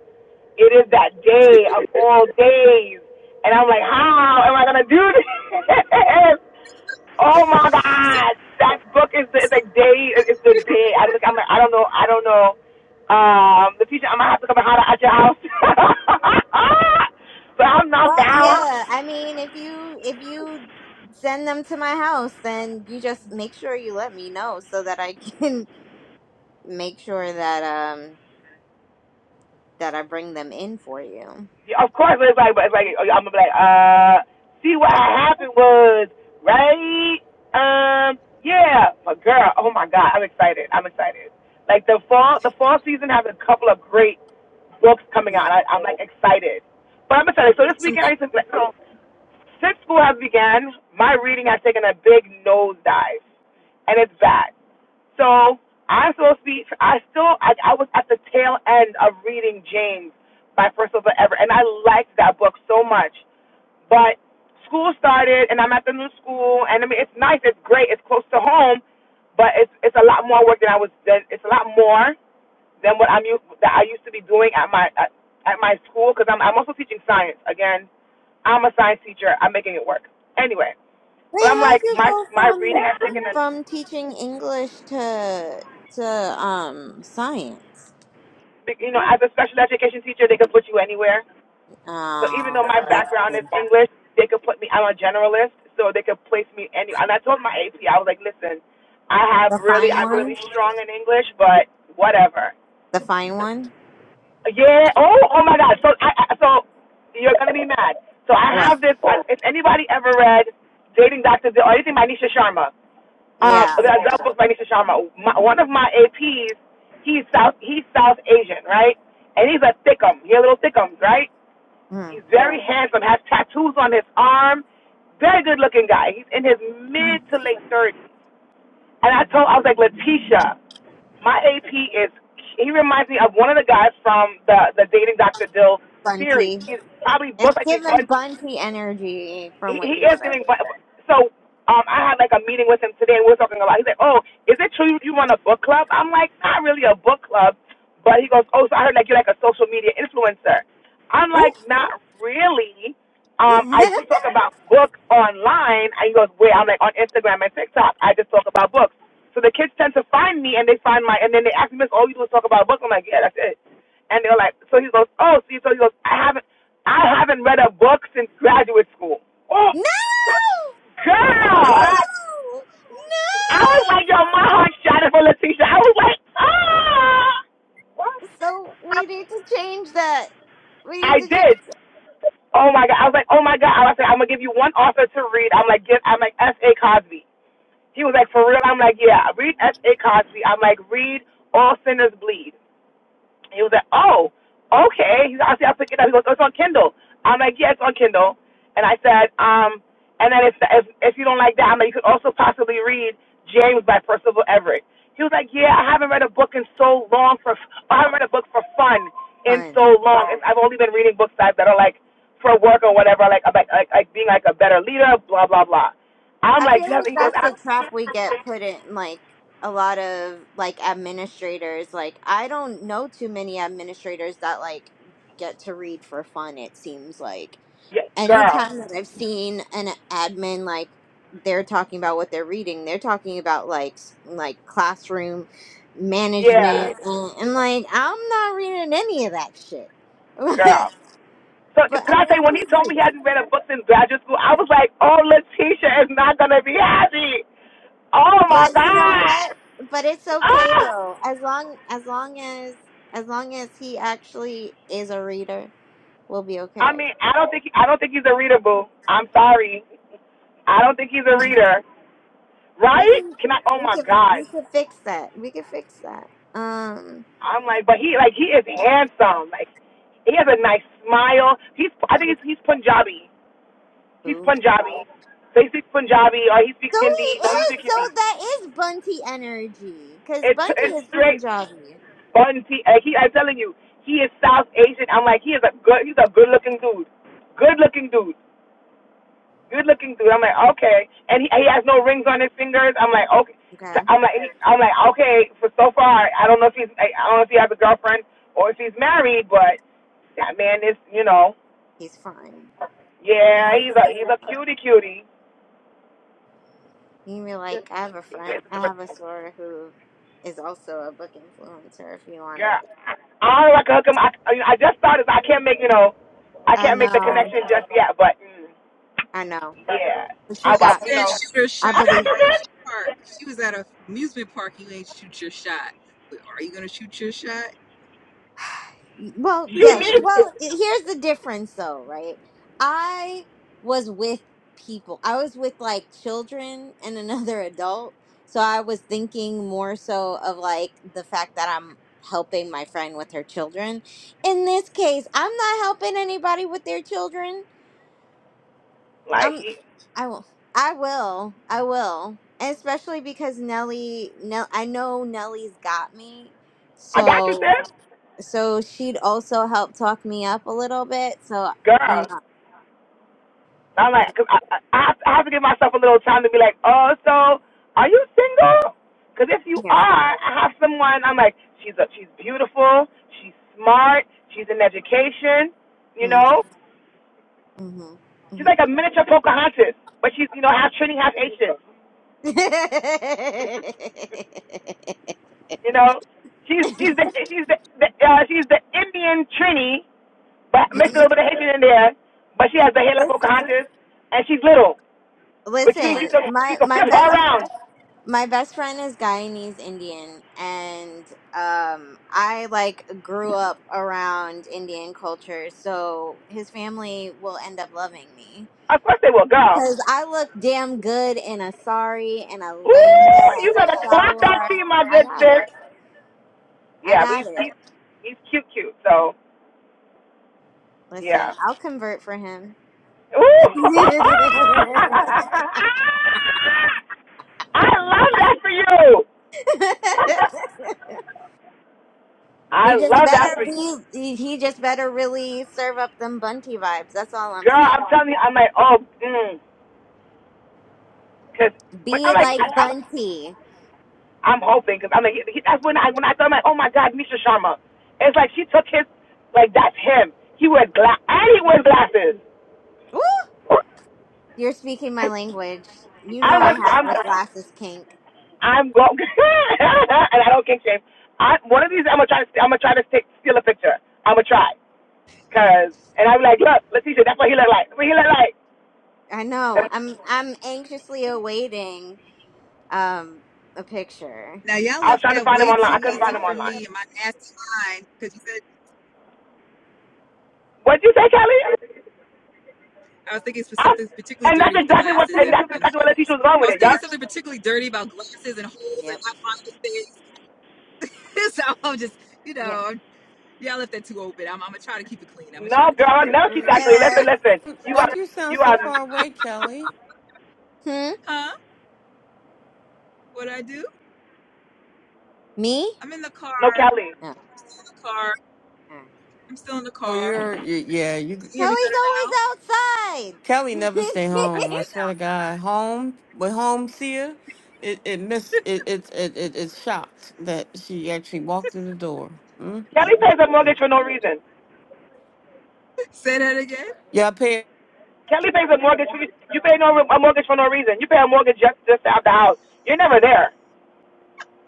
Speaker 7: It is that day of all days. And I'm like, how am I going to do this? oh my God. That book is the, it's a day. It's the day. I just, I'm like, I don't know. I don't know. Um, the teacher, I'm going to have to come and holler at your house. but I'm not
Speaker 1: Well,
Speaker 7: down.
Speaker 1: yeah. I mean, if you if you send them to my house, then you just make sure you let me know so that I can make sure that um that I bring them in for you.
Speaker 7: Yeah, of course, but it's like, but it's like, I'm gonna be like, uh, see what happened was, right? Um, yeah, my girl. Oh my God, I'm excited. I'm excited. Like the fall, the fall season has a couple of great books coming out,
Speaker 1: Mm.
Speaker 7: and I, I'm like excited. But I'm excited. So this
Speaker 3: Some
Speaker 7: weekend,
Speaker 3: good
Speaker 7: I used to. so since school has began, my reading has taken a big nosedive, and it's bad. So I'm supposed to be. I still. I, I was at the tail end of reading James by Percival Everett, and I liked that book so much. But school started, and I'm at the new school, and I mean it's nice, it's great, it's close to home, but it's it's a lot more work than I was. Than, it's a lot more than what I'm used that I used to be doing at my at, at my school because I'm I'm also teaching science again. I'm a science teacher. I'm making it work anyway.
Speaker 1: Wait,
Speaker 7: But I'm
Speaker 1: how'd
Speaker 7: like
Speaker 1: you
Speaker 7: my
Speaker 1: go
Speaker 7: my reading
Speaker 1: from
Speaker 7: has taken a
Speaker 1: from teaching English to to um science?
Speaker 7: you know, as a special education teacher, they could put you anywhere. So even
Speaker 1: Uh,
Speaker 7: though my
Speaker 1: that's
Speaker 7: background is
Speaker 1: the,
Speaker 7: English, they could put me. I'm a generalist, so they could place me anywhere. And I told my AP, I was like, listen, I have
Speaker 1: the
Speaker 7: really,
Speaker 1: fine
Speaker 7: I'm
Speaker 1: one.
Speaker 7: really strong in English, but whatever.
Speaker 1: The fine one.
Speaker 7: Yeah. Oh, oh my God. So, I, so you're gonna be mad. So I
Speaker 1: What?
Speaker 7: have this. If anybody ever read Dating Dr. Dill or anything by Nisha Sharma, um,
Speaker 1: Yeah.
Speaker 7: that, that book by Nisha Sharma. My, one of my APs, he's South he's South Asian, right? And he's a thickum. He's a little thickum, right?
Speaker 1: Mm.
Speaker 7: He's very handsome, has tattoos on his arm, very good looking guy. He's in his mid to late thirties. And I told I was like, Letitia, my AP is he reminds me of one of the guys from the the Dating Dr. Dill series.
Speaker 1: Bunty.
Speaker 7: He's probably most
Speaker 1: It's
Speaker 7: likely
Speaker 1: giving
Speaker 7: Bunty
Speaker 1: Bunty energy from
Speaker 7: he,
Speaker 1: what
Speaker 7: he
Speaker 1: you
Speaker 7: is
Speaker 1: said.
Speaker 7: giving. but- So um, I had like a meeting with him today, and we were talking about. He's like, "Oh, is it true you run a book club?" I'm like, "Not really a book club," but he goes, "Oh, so I heard like you're like a social media influencer." I'm like, "Not really." Um, I
Speaker 1: no!
Speaker 7: do talk about books online. And he goes, "Wait," I'm like on Instagram and TikTok. I just talk about books. So the kids tend to find me, and they find my, and then they ask me, "Miss, all you do is talk about books." I'm like, "Yeah, that's it." And they're like, so he goes, oh, see, so he goes, I haven't, I haven't read a book since graduate school. Oh,
Speaker 1: No! No!
Speaker 7: girl! I was like, yo, my heart shot for Leticia. I was like, ah!
Speaker 1: So we need to change that. We need
Speaker 7: I
Speaker 1: to
Speaker 7: did.
Speaker 1: change the
Speaker 7: Oh my god! I was like, oh my god! I was like, I'm gonna give you one author to read. I'm like, give. I'm like S. A. Cosby. He was like, for real? I'm like, yeah. Read S. A. Cosby. I'm like, read All Sinners Bleed. He was like, "Oh, okay." He's like, I said, "I'll pick it up." He goes, oh, "It's on Kindle." I'm like, "Yeah, it's on Kindle." And I said, "Um, and then if if if you don't like that, I'm like, you could also possibly read James by Percival Everett." He was like, "Yeah, I haven't read a book in so long for I haven't read a book for fun in
Speaker 1: fund.
Speaker 7: so long. I've only been reading books that that are like for work or whatever, like about like, like being like a better leader, blah blah blah." I'm
Speaker 1: I
Speaker 7: like,
Speaker 1: feel
Speaker 7: "You
Speaker 1: like
Speaker 7: haven't?" He goes,
Speaker 1: that's the trap we get put in, like a lot of like administrators. Like I don't know too many administrators that like get to read for fun. It seems like
Speaker 7: yeah, "Girl,
Speaker 1: anytime that I've seen an admin like they're talking about what they're reading, they're talking about like s- like classroom management
Speaker 7: yeah,
Speaker 1: and, and like I'm not reading any of that shit.
Speaker 7: girl."
Speaker 1: but
Speaker 7: So can
Speaker 1: I
Speaker 7: I tell
Speaker 1: mean,
Speaker 7: you, when he
Speaker 1: please
Speaker 7: told me
Speaker 1: read
Speaker 7: he
Speaker 1: it.
Speaker 7: hadn't read a book since graduate school, I was like, oh, Letitia is not gonna be happy. Oh my
Speaker 1: But you know
Speaker 7: God!"
Speaker 1: what? But it's okay
Speaker 7: Ah.
Speaker 1: though. As long as long as as long as he actually is a reader, we'll be
Speaker 7: I
Speaker 1: okay.
Speaker 7: mean, I don't think he, I don't think he's a reader, boo. I'm sorry. I don't think he's a
Speaker 1: Mhm.
Speaker 7: reader,
Speaker 1: We
Speaker 7: right?
Speaker 1: can
Speaker 7: Can I? Oh
Speaker 1: we
Speaker 7: my
Speaker 1: can we
Speaker 7: God.
Speaker 1: can fix that. We can fix that. Um
Speaker 7: I'm like, but he like he is handsome. Like he has a nice smile. He's I think he's he's Punjabi. He's Punjabi. So he speaks Punjabi or he speaks
Speaker 1: So
Speaker 7: Hindi. No, he
Speaker 1: he
Speaker 7: speaks
Speaker 1: is. So
Speaker 7: Hindi.
Speaker 1: that is Bunty energy, because
Speaker 7: It's
Speaker 1: Bunty
Speaker 7: it's
Speaker 1: is
Speaker 7: straight
Speaker 1: Punjabi.
Speaker 7: Fun. T- uh, he, I'm telling you, he is South Asian. I'm like, he is a good. He's a good looking dude. Good looking dude. Good looking dude. I'm like, okay. And he, he has no rings on his fingers. I'm like, okay. So
Speaker 1: Okay,
Speaker 7: I'm like, I'm like, okay. For so far, I don't know if he's. I don't know if he has a girlfriend or if he's married, but that man is, you know,
Speaker 1: he's fine. And
Speaker 7: yeah,
Speaker 1: that's
Speaker 7: he's a
Speaker 1: just-
Speaker 7: he's a cutie cutie.
Speaker 1: You mean like
Speaker 7: Just
Speaker 1: I have a
Speaker 7: he's
Speaker 1: friend,
Speaker 7: a
Speaker 1: I have a soror who is also a book influencer. If you wanna,
Speaker 7: girl. I don't know if I can hook him. I I just thought it. I can't make you know, I
Speaker 1: I
Speaker 7: can't make the
Speaker 1: know,
Speaker 7: connection just yet. But Mm.
Speaker 1: I know,
Speaker 7: Yeah.
Speaker 1: but
Speaker 7: I,
Speaker 1: you
Speaker 7: I
Speaker 1: got
Speaker 3: deals
Speaker 7: you
Speaker 1: me.
Speaker 3: that
Speaker 7: know,
Speaker 3: shooter shot
Speaker 1: I
Speaker 7: I
Speaker 3: at
Speaker 1: believe.
Speaker 7: got you, sis.
Speaker 3: Hershey Park. She was at a amusement park. You ain't shoot your shot. Are you gonna shoot your shot,
Speaker 1: Well,
Speaker 7: She
Speaker 3: Letitia?
Speaker 1: yes.
Speaker 7: needs it.
Speaker 1: Well, i- here's the difference though, right? I was with people. I was with like children and another adult. So I was thinking more so of like the fact that I'm helping my friend with her children. In this case, I'm not helping anybody with their children.
Speaker 7: Like
Speaker 1: I'm
Speaker 7: he,
Speaker 1: I will I will. I will. And especially because Nelly Nell I know Nelly's got me.
Speaker 7: I got you,
Speaker 1: So
Speaker 7: sis.
Speaker 1: so she'd also help talk me up a little bit. So you
Speaker 7: Girl.
Speaker 1: know,
Speaker 7: I'm like, cause I, I, have to, I have to give myself a little time to be like, oh, so are you single? Because if you
Speaker 1: yeah.
Speaker 7: are, I have someone. I'm like, she's a, she's beautiful. She's smart. She's in education. You
Speaker 1: Mm,
Speaker 7: know,
Speaker 1: hmm
Speaker 7: she's
Speaker 1: hmm
Speaker 7: like a miniature Pocahontas, but she's you know half Trini, half Asian. You know, she's she's the she's the, the uh, she's the Indian Trini but mixed a little bit of Haitian in there. But she has the hair like
Speaker 1: Lis-
Speaker 7: Pocahontas, and she's little, which means she
Speaker 1: Listen,
Speaker 7: can she
Speaker 1: my
Speaker 7: can
Speaker 1: my
Speaker 7: flip her
Speaker 1: best
Speaker 7: around.
Speaker 1: my best friend is Guyanese Indian, and um, I like grew up around Indian culture, so his family will end up loving me.
Speaker 7: Of course they will, girl.
Speaker 1: Cause I look damn good in a sari and a langa
Speaker 7: Ooh, you
Speaker 1: and a
Speaker 7: better clock that
Speaker 1: shalwar.
Speaker 7: tea, my
Speaker 1: I
Speaker 7: good
Speaker 1: got
Speaker 7: sis.
Speaker 1: it. I
Speaker 7: Yeah, but he's
Speaker 1: got
Speaker 7: he's,
Speaker 1: it.
Speaker 7: he's cute, cute. So
Speaker 1: Listen,
Speaker 7: yeah.
Speaker 1: I'll convert for him.
Speaker 7: Ooh. I love that for you. I
Speaker 1: he just
Speaker 7: love that
Speaker 1: better
Speaker 7: for you,
Speaker 1: be he just better really serve up them Bunty vibes. That's all I'm
Speaker 7: girl.
Speaker 1: saying.
Speaker 7: I'm telling you, I'm like, oh, mm. cause I'm
Speaker 1: Be
Speaker 7: like, I,
Speaker 1: like
Speaker 7: I,
Speaker 1: Bunty.
Speaker 7: I'm hoping because i mean like he- that's when I when I thought I'm like oh my God Misha Sharma, it's like she took his like that's him. He wears glass and he wears glasses.
Speaker 1: Woo! You're speaking my language. You
Speaker 7: I
Speaker 1: know I
Speaker 7: want
Speaker 1: have
Speaker 7: I'm
Speaker 1: a glasses kink.
Speaker 7: I'm going and I don't kink shame. I one of these I'm gonna try to I'm gonna try to stick, steal a picture. I'm gonna try because and I'm like look Leticia that's what he looked like. That's what he looked like.
Speaker 1: I know. I'm I'm anxiously awaiting um a picture.
Speaker 3: Now y'all
Speaker 7: I was
Speaker 3: left
Speaker 7: trying to
Speaker 3: that
Speaker 7: find him
Speaker 3: way
Speaker 7: online.
Speaker 3: too
Speaker 7: I couldn't find
Speaker 3: easy
Speaker 7: him
Speaker 3: for
Speaker 7: online.
Speaker 3: me in my nasty mind because you said
Speaker 7: What'd you say, Kelly?
Speaker 3: I was thinking
Speaker 7: I,
Speaker 3: something particularly
Speaker 7: and that's
Speaker 3: dirty with the
Speaker 7: exactly what
Speaker 3: glasses
Speaker 7: and
Speaker 3: and,
Speaker 7: that's
Speaker 3: and
Speaker 7: exactly what Leticia was wrong
Speaker 3: I
Speaker 7: with
Speaker 3: was
Speaker 7: it. y'all.
Speaker 3: thinking something particularly dirty about glasses and holes and
Speaker 1: Yep.
Speaker 3: not finding things. so I'm just you know
Speaker 1: Yeah.
Speaker 3: y'all left that too open. I'm, I'm gonna try to keep it clean. I'm gonna try
Speaker 7: No,
Speaker 3: to keep it
Speaker 7: girl,
Speaker 3: clean.
Speaker 7: no, exactly.
Speaker 1: Live.
Speaker 7: Listen, listen. You
Speaker 4: Why
Speaker 7: are,
Speaker 4: do you sound
Speaker 7: you
Speaker 4: so
Speaker 7: are,
Speaker 4: far away, Kelly?
Speaker 1: Hmm?
Speaker 3: Huh? What did I do?
Speaker 1: Me?
Speaker 3: I'm in the car.
Speaker 7: no,
Speaker 3: I'm
Speaker 7: Kelly.
Speaker 1: Oh, all
Speaker 3: In the car.
Speaker 1: right.
Speaker 3: I'm still in the
Speaker 4: Oh,
Speaker 3: car.
Speaker 4: you're, you yeah,
Speaker 3: Can
Speaker 4: you
Speaker 3: you hear me better now?
Speaker 1: Kelly's
Speaker 4: Kelly
Speaker 1: always
Speaker 4: never stay
Speaker 3: I
Speaker 1: outside.
Speaker 4: home. I
Speaker 3: stayed
Speaker 4: swear to
Speaker 3: outside.
Speaker 4: God, home with home seer, it it miss it it it, it it's shocked that she actually walked through the door.
Speaker 7: Kelly
Speaker 4: Mm-mm.
Speaker 7: pays a mortgage for no reason.
Speaker 3: Say that again.
Speaker 4: Yeah, I pay.
Speaker 7: Kelly pays a mortgage. For, you pay no a mortgage for no reason. You pay a mortgage just just to have the house. You're never there.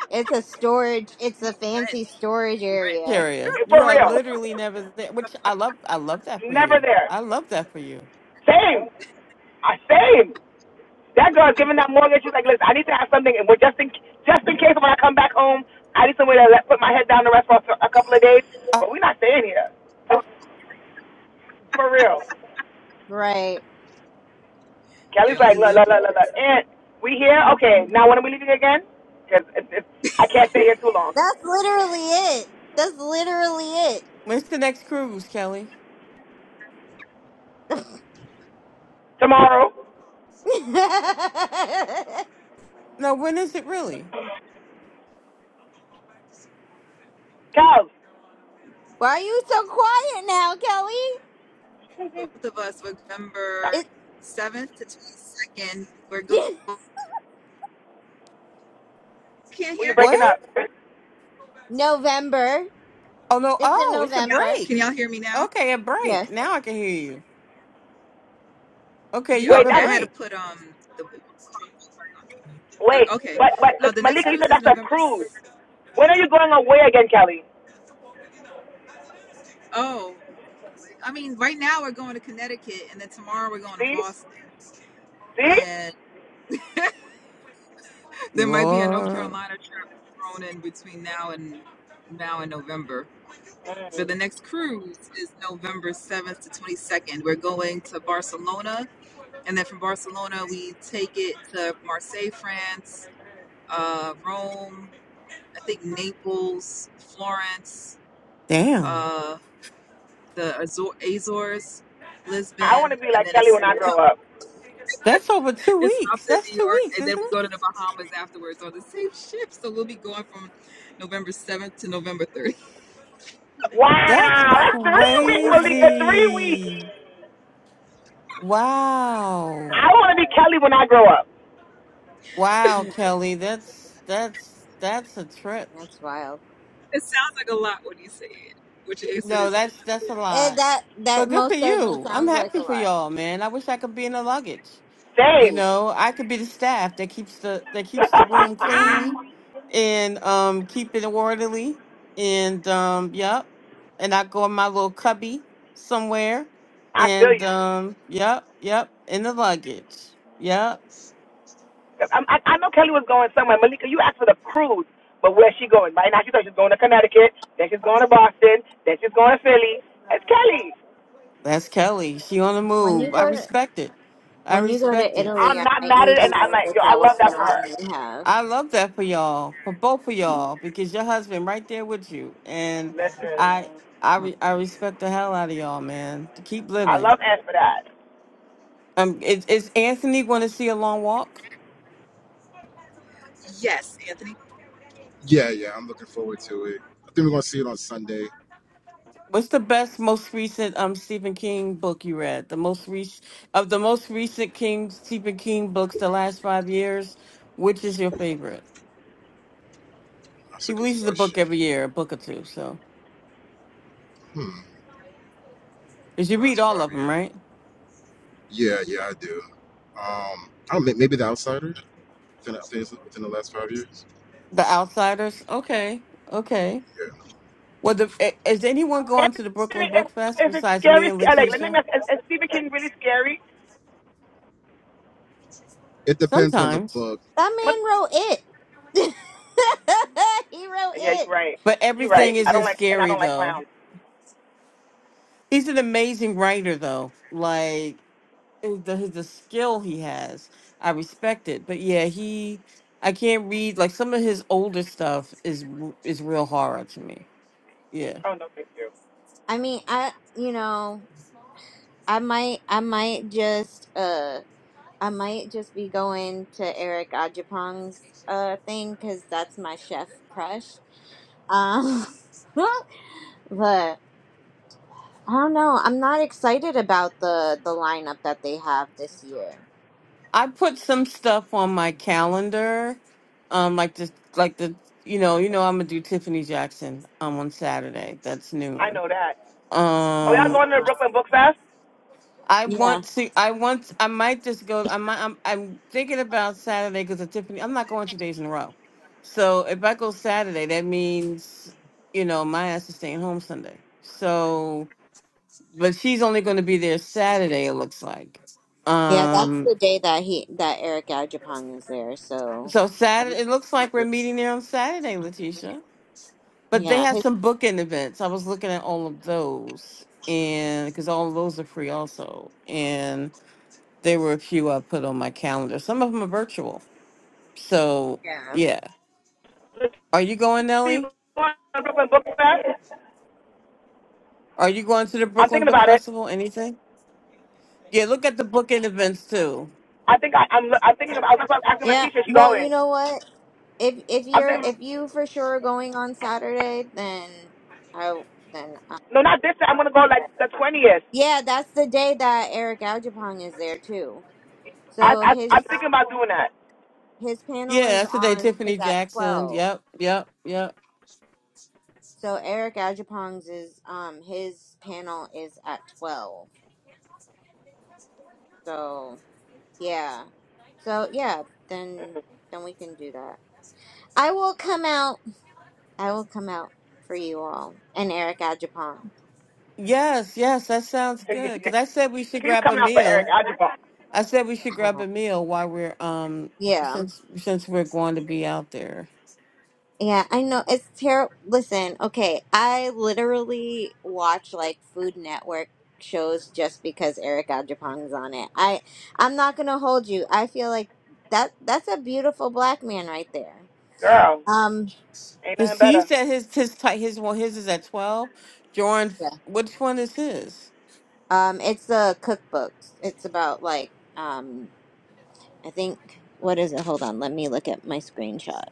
Speaker 1: It's a storage. It's
Speaker 3: We
Speaker 1: a
Speaker 3: rent.
Speaker 1: fancy storage
Speaker 3: We rent.
Speaker 1: area.
Speaker 4: Carrier. You
Speaker 7: For
Speaker 4: are
Speaker 7: real,
Speaker 4: literally never there, which I love. I love that for
Speaker 7: never
Speaker 4: you.
Speaker 7: there.
Speaker 4: I love that for you.
Speaker 7: Same, I same. That girl's giving that mortgage. She's like, listen, I need to have something, and we're just in just in case when I come back home, I need somewhere to let, put my head down to rest for a couple of days.
Speaker 4: Uh,
Speaker 7: But we're not staying here. For real.
Speaker 1: Right.
Speaker 7: Kelly's
Speaker 3: You only
Speaker 7: like, look,
Speaker 3: live
Speaker 7: look,
Speaker 3: once.
Speaker 7: look, look, look. And we here? Okay. Now when are we leaving again? Because it's, it's, I can't stay here too long.
Speaker 1: That's literally it. That's literally it.
Speaker 4: when's the next cruise, Kelly?
Speaker 7: Tomorrow?
Speaker 4: No, when is it really?
Speaker 7: Cows.
Speaker 1: Why are you so quiet now, Kelly?
Speaker 3: both of us, November seventh to twenty-second, we're go
Speaker 1: It
Speaker 3: Can't
Speaker 7: We
Speaker 3: hear me?
Speaker 7: breaking
Speaker 4: What?
Speaker 7: up.
Speaker 1: November.
Speaker 4: Oh no!
Speaker 1: It's in
Speaker 4: Oh, it's a
Speaker 3: Yeah.
Speaker 1: November.
Speaker 3: Can
Speaker 4: break.
Speaker 3: y'all hear me now?
Speaker 4: Okay, a break.
Speaker 1: Yes,
Speaker 4: Now I can hear you.
Speaker 3: You
Speaker 4: Okay, you
Speaker 3: get-
Speaker 4: have
Speaker 7: Wait,
Speaker 4: a
Speaker 3: Okay, I
Speaker 7: that's,
Speaker 3: had to
Speaker 4: break.
Speaker 3: put um the
Speaker 7: wait.
Speaker 3: okay.
Speaker 7: But, but,
Speaker 3: Uh,
Speaker 7: look,
Speaker 3: the next
Speaker 7: Malika, you
Speaker 3: cruise
Speaker 7: said
Speaker 3: is
Speaker 7: that's a
Speaker 3: November.
Speaker 7: cruise.
Speaker 3: s-
Speaker 7: When are you going away again, Kelly?
Speaker 3: Oh, I mean, right now we're going to Connecticut, and then tomorrow we're going to
Speaker 7: See?
Speaker 3: Boston,
Speaker 7: See?
Speaker 3: and there might be a North
Speaker 4: Lord,
Speaker 3: Carolina trip thrown in between now and now and November. But the next cruise is November seventh to twenty second. We're going to Barcelona And then from Barcelona, we take it to Marseille, France, uh, Rome, I think Naples, Florence,
Speaker 4: damn.
Speaker 3: uh, the Azor- Azores,
Speaker 7: I want to
Speaker 3: Lisbon,
Speaker 7: be
Speaker 3: and
Speaker 7: like
Speaker 3: then
Speaker 7: Kelly when
Speaker 3: it's
Speaker 7: I grow up.
Speaker 4: That's over two
Speaker 3: it stops
Speaker 4: weeks.
Speaker 3: at
Speaker 4: That's
Speaker 3: New
Speaker 4: two
Speaker 3: York,
Speaker 4: weeks,
Speaker 3: and then
Speaker 4: isn't
Speaker 3: we go
Speaker 4: it?
Speaker 3: to the Bahamas afterwards on the same ship. So we'll be going from November 7th to November 30th.
Speaker 4: That's
Speaker 7: Wow. That's three weeks, Malika. Three weeks.
Speaker 4: crazy.
Speaker 7: I
Speaker 4: Wow.
Speaker 7: want to be Kelly when I grow up.
Speaker 4: Wow, Kelly, that's that's that's a trip.
Speaker 1: that's wild.
Speaker 3: It sounds like a lot when you say it, which is it
Speaker 4: No,
Speaker 3: is a
Speaker 4: that's
Speaker 3: lot.
Speaker 4: that's a
Speaker 3: Yeah.
Speaker 1: Eh,
Speaker 4: lot.
Speaker 1: that that
Speaker 4: But good for
Speaker 1: most certainly
Speaker 4: you. I'm
Speaker 1: sounds like
Speaker 4: happy
Speaker 1: a
Speaker 4: for
Speaker 1: lot.
Speaker 4: y'all, man. I wish I could be in the luggage. You
Speaker 7: Same.
Speaker 4: know, I could be the staff that keeps the that keeps the room clean and um keep it orderly and um yep. And I go in my little cubby somewhere
Speaker 7: I feel
Speaker 4: and
Speaker 7: you.
Speaker 4: um yep, yep, in the luggage. Yep.
Speaker 7: I'm, I, I know Kelly was going somewhere. Malika, you asked for the cruise, but where's she going? Right now, she thought she's going to Connecticut. Then she's going to Boston. Then she's going to Philly. It's Kelly.
Speaker 4: That's Kelly. She on the
Speaker 1: When you
Speaker 4: move. I
Speaker 1: go to
Speaker 4: respect it. I
Speaker 1: when you go
Speaker 4: respect
Speaker 1: to
Speaker 4: it.
Speaker 1: Italy,
Speaker 7: I'm
Speaker 1: I
Speaker 7: not
Speaker 1: might
Speaker 7: mad at
Speaker 1: need
Speaker 7: it,
Speaker 1: you
Speaker 7: and I'm
Speaker 1: to
Speaker 7: like, yo,
Speaker 1: look
Speaker 7: I
Speaker 1: at what
Speaker 7: love that
Speaker 1: the
Speaker 7: for
Speaker 1: yarn
Speaker 7: her.
Speaker 1: they have.
Speaker 4: I love that for y'all, for both of y'all, because your husband right there with you, and
Speaker 7: Listen,
Speaker 4: I, I, re- I respect the hell out of y'all, man. To keep
Speaker 7: I
Speaker 4: living.
Speaker 7: love Ann for that.
Speaker 4: Um, is, is Anthony going to see a long walk?
Speaker 3: Yes, Anthony. Yeah, yeah, I'm looking forward to it. I think we're gonna see it on Sunday.
Speaker 4: What's the best, most recent um Stephen King book you read? The most recent of the most recent King Stephen King books, the last five years. Which is your favorite?
Speaker 3: That's
Speaker 4: He
Speaker 3: a good
Speaker 4: releases a book
Speaker 3: question.
Speaker 4: every year, a book or two. So,
Speaker 3: Hmm.
Speaker 4: did you
Speaker 3: The
Speaker 4: read
Speaker 3: Last
Speaker 4: all of
Speaker 3: five
Speaker 4: them?
Speaker 3: years?
Speaker 4: Right?
Speaker 3: Yeah, yeah, I do. Um, I don't know, maybe The Outsider within, within the last five years.
Speaker 4: The Outsiders. Okay. Okay.
Speaker 3: Yeah,
Speaker 4: Well, the, is anyone
Speaker 7: Is
Speaker 4: going to the Brooklyn
Speaker 7: it,
Speaker 4: Book Fest
Speaker 7: is it
Speaker 4: besides me
Speaker 7: scary?
Speaker 4: and
Speaker 7: sc- uh, Like, let me
Speaker 4: Letitia?
Speaker 7: ask, is, is Stephen King really scary?
Speaker 3: it depends on the
Speaker 4: Sometimes,
Speaker 3: book.
Speaker 1: That
Speaker 7: But
Speaker 1: man wrote it. he wrote
Speaker 7: yeah, you're
Speaker 1: it.
Speaker 7: right.
Speaker 4: but
Speaker 7: You're
Speaker 4: everything
Speaker 7: right. I
Speaker 4: isn't
Speaker 7: don't like, and I
Speaker 4: scary
Speaker 7: don't like
Speaker 4: though.
Speaker 7: clowns.
Speaker 4: He's an amazing writer though. Like the the skill he has, I respect it. But yeah, he I can't read like some of his older stuff is r- is real horror to me. Yeah.
Speaker 7: Oh no, thank you.
Speaker 1: I mean, I you know, I might I might just uh I might just be going to Eric Ajapong's uh thing because that's my chef crush. Um, but I don't know. I'm not excited about the the lineup that they have this year.
Speaker 4: I put some stuff on my calendar, um, like the like the you know you know I'm gonna do Tiffany Jackson um on Saturday. That's
Speaker 7: I
Speaker 4: noon.
Speaker 7: know that. Oh, y'all
Speaker 4: Um,
Speaker 7: going to the Brooklyn Book Fest?
Speaker 4: I
Speaker 1: Yeah,
Speaker 4: want to. I want. I might just go. I might. I'm. I'm thinking about Saturday because of Tiffany. I'm not going two days in a row. So if I go Saturday, that means you know my ass is staying home Sunday. So, but she's only going to be there Saturday. It looks like.
Speaker 1: yeah, that's
Speaker 4: um.
Speaker 1: the day that he that Eric Ajapong is there. So
Speaker 4: So Saturday, it looks like we're meeting there on Saturday, Letitia. But they
Speaker 1: yeah,
Speaker 4: have
Speaker 1: his-
Speaker 4: some booking events. I was looking at all of those, and because all of those are free also, and there were a few I put on my calendar. Some of them are virtual. So
Speaker 1: yeah,
Speaker 4: yeah,
Speaker 7: Is
Speaker 4: are you going,
Speaker 7: she
Speaker 4: Nellie?
Speaker 7: going to the Brooklyn Book Fest?
Speaker 4: Are you going to the
Speaker 7: I'm
Speaker 4: Brooklyn
Speaker 7: thinking
Speaker 4: Book
Speaker 7: about it.
Speaker 4: Festival? Anything? Yeah, look at the booking events too.
Speaker 7: I think I, I'm. I'm thinking about. I was about asking
Speaker 1: yeah.
Speaker 7: Leticia. She
Speaker 1: Well, you
Speaker 7: going.
Speaker 1: know what? if if
Speaker 7: I'm
Speaker 1: you're
Speaker 7: thinking.
Speaker 1: if you for sure are going on Saturday, then I then I,
Speaker 7: No, not this. I'm gonna go like the twentieth.
Speaker 1: yeah, that's the day that Eric Aujapong is there too.
Speaker 7: I,
Speaker 1: So
Speaker 7: I
Speaker 1: his
Speaker 7: I'm thinking about doing that.
Speaker 1: his panel
Speaker 4: Yeah,
Speaker 1: is
Speaker 4: that's the day
Speaker 1: on
Speaker 4: Tiffany
Speaker 1: is at
Speaker 4: Jackson.
Speaker 1: twelve.
Speaker 4: Yep, yep, yep.
Speaker 1: So Eric Aujapong's is um his panel is at twelve. So yeah, so yeah, then then we can do that. I will come out. I will come out for you all and Eric Aujapong.
Speaker 4: Yes, yes, that sounds good. Because I
Speaker 7: Can
Speaker 4: said we should
Speaker 7: You
Speaker 4: grab a
Speaker 7: coming out for
Speaker 4: meal.
Speaker 7: Eric Algebra.
Speaker 4: I said we should grab a meal while we're um
Speaker 1: Yeah.
Speaker 4: since since we're going to be out there.
Speaker 1: Yeah, I know it's terrible. Listen, okay, I literally watch like Food Network shows just because Eric Ajapong's on it. I I'm not gonna hold you. I feel like that that's a beautiful black man right there.
Speaker 7: Girl,
Speaker 1: Um,
Speaker 7: ain't nothing
Speaker 4: His he
Speaker 7: better.
Speaker 4: said his his tight his one his is at twelve. Jordan,
Speaker 1: yeah.
Speaker 4: which one is his?
Speaker 1: Um, it's the cookbooks. It's about like um, I think what is it? Hold on, let me look at my screenshot.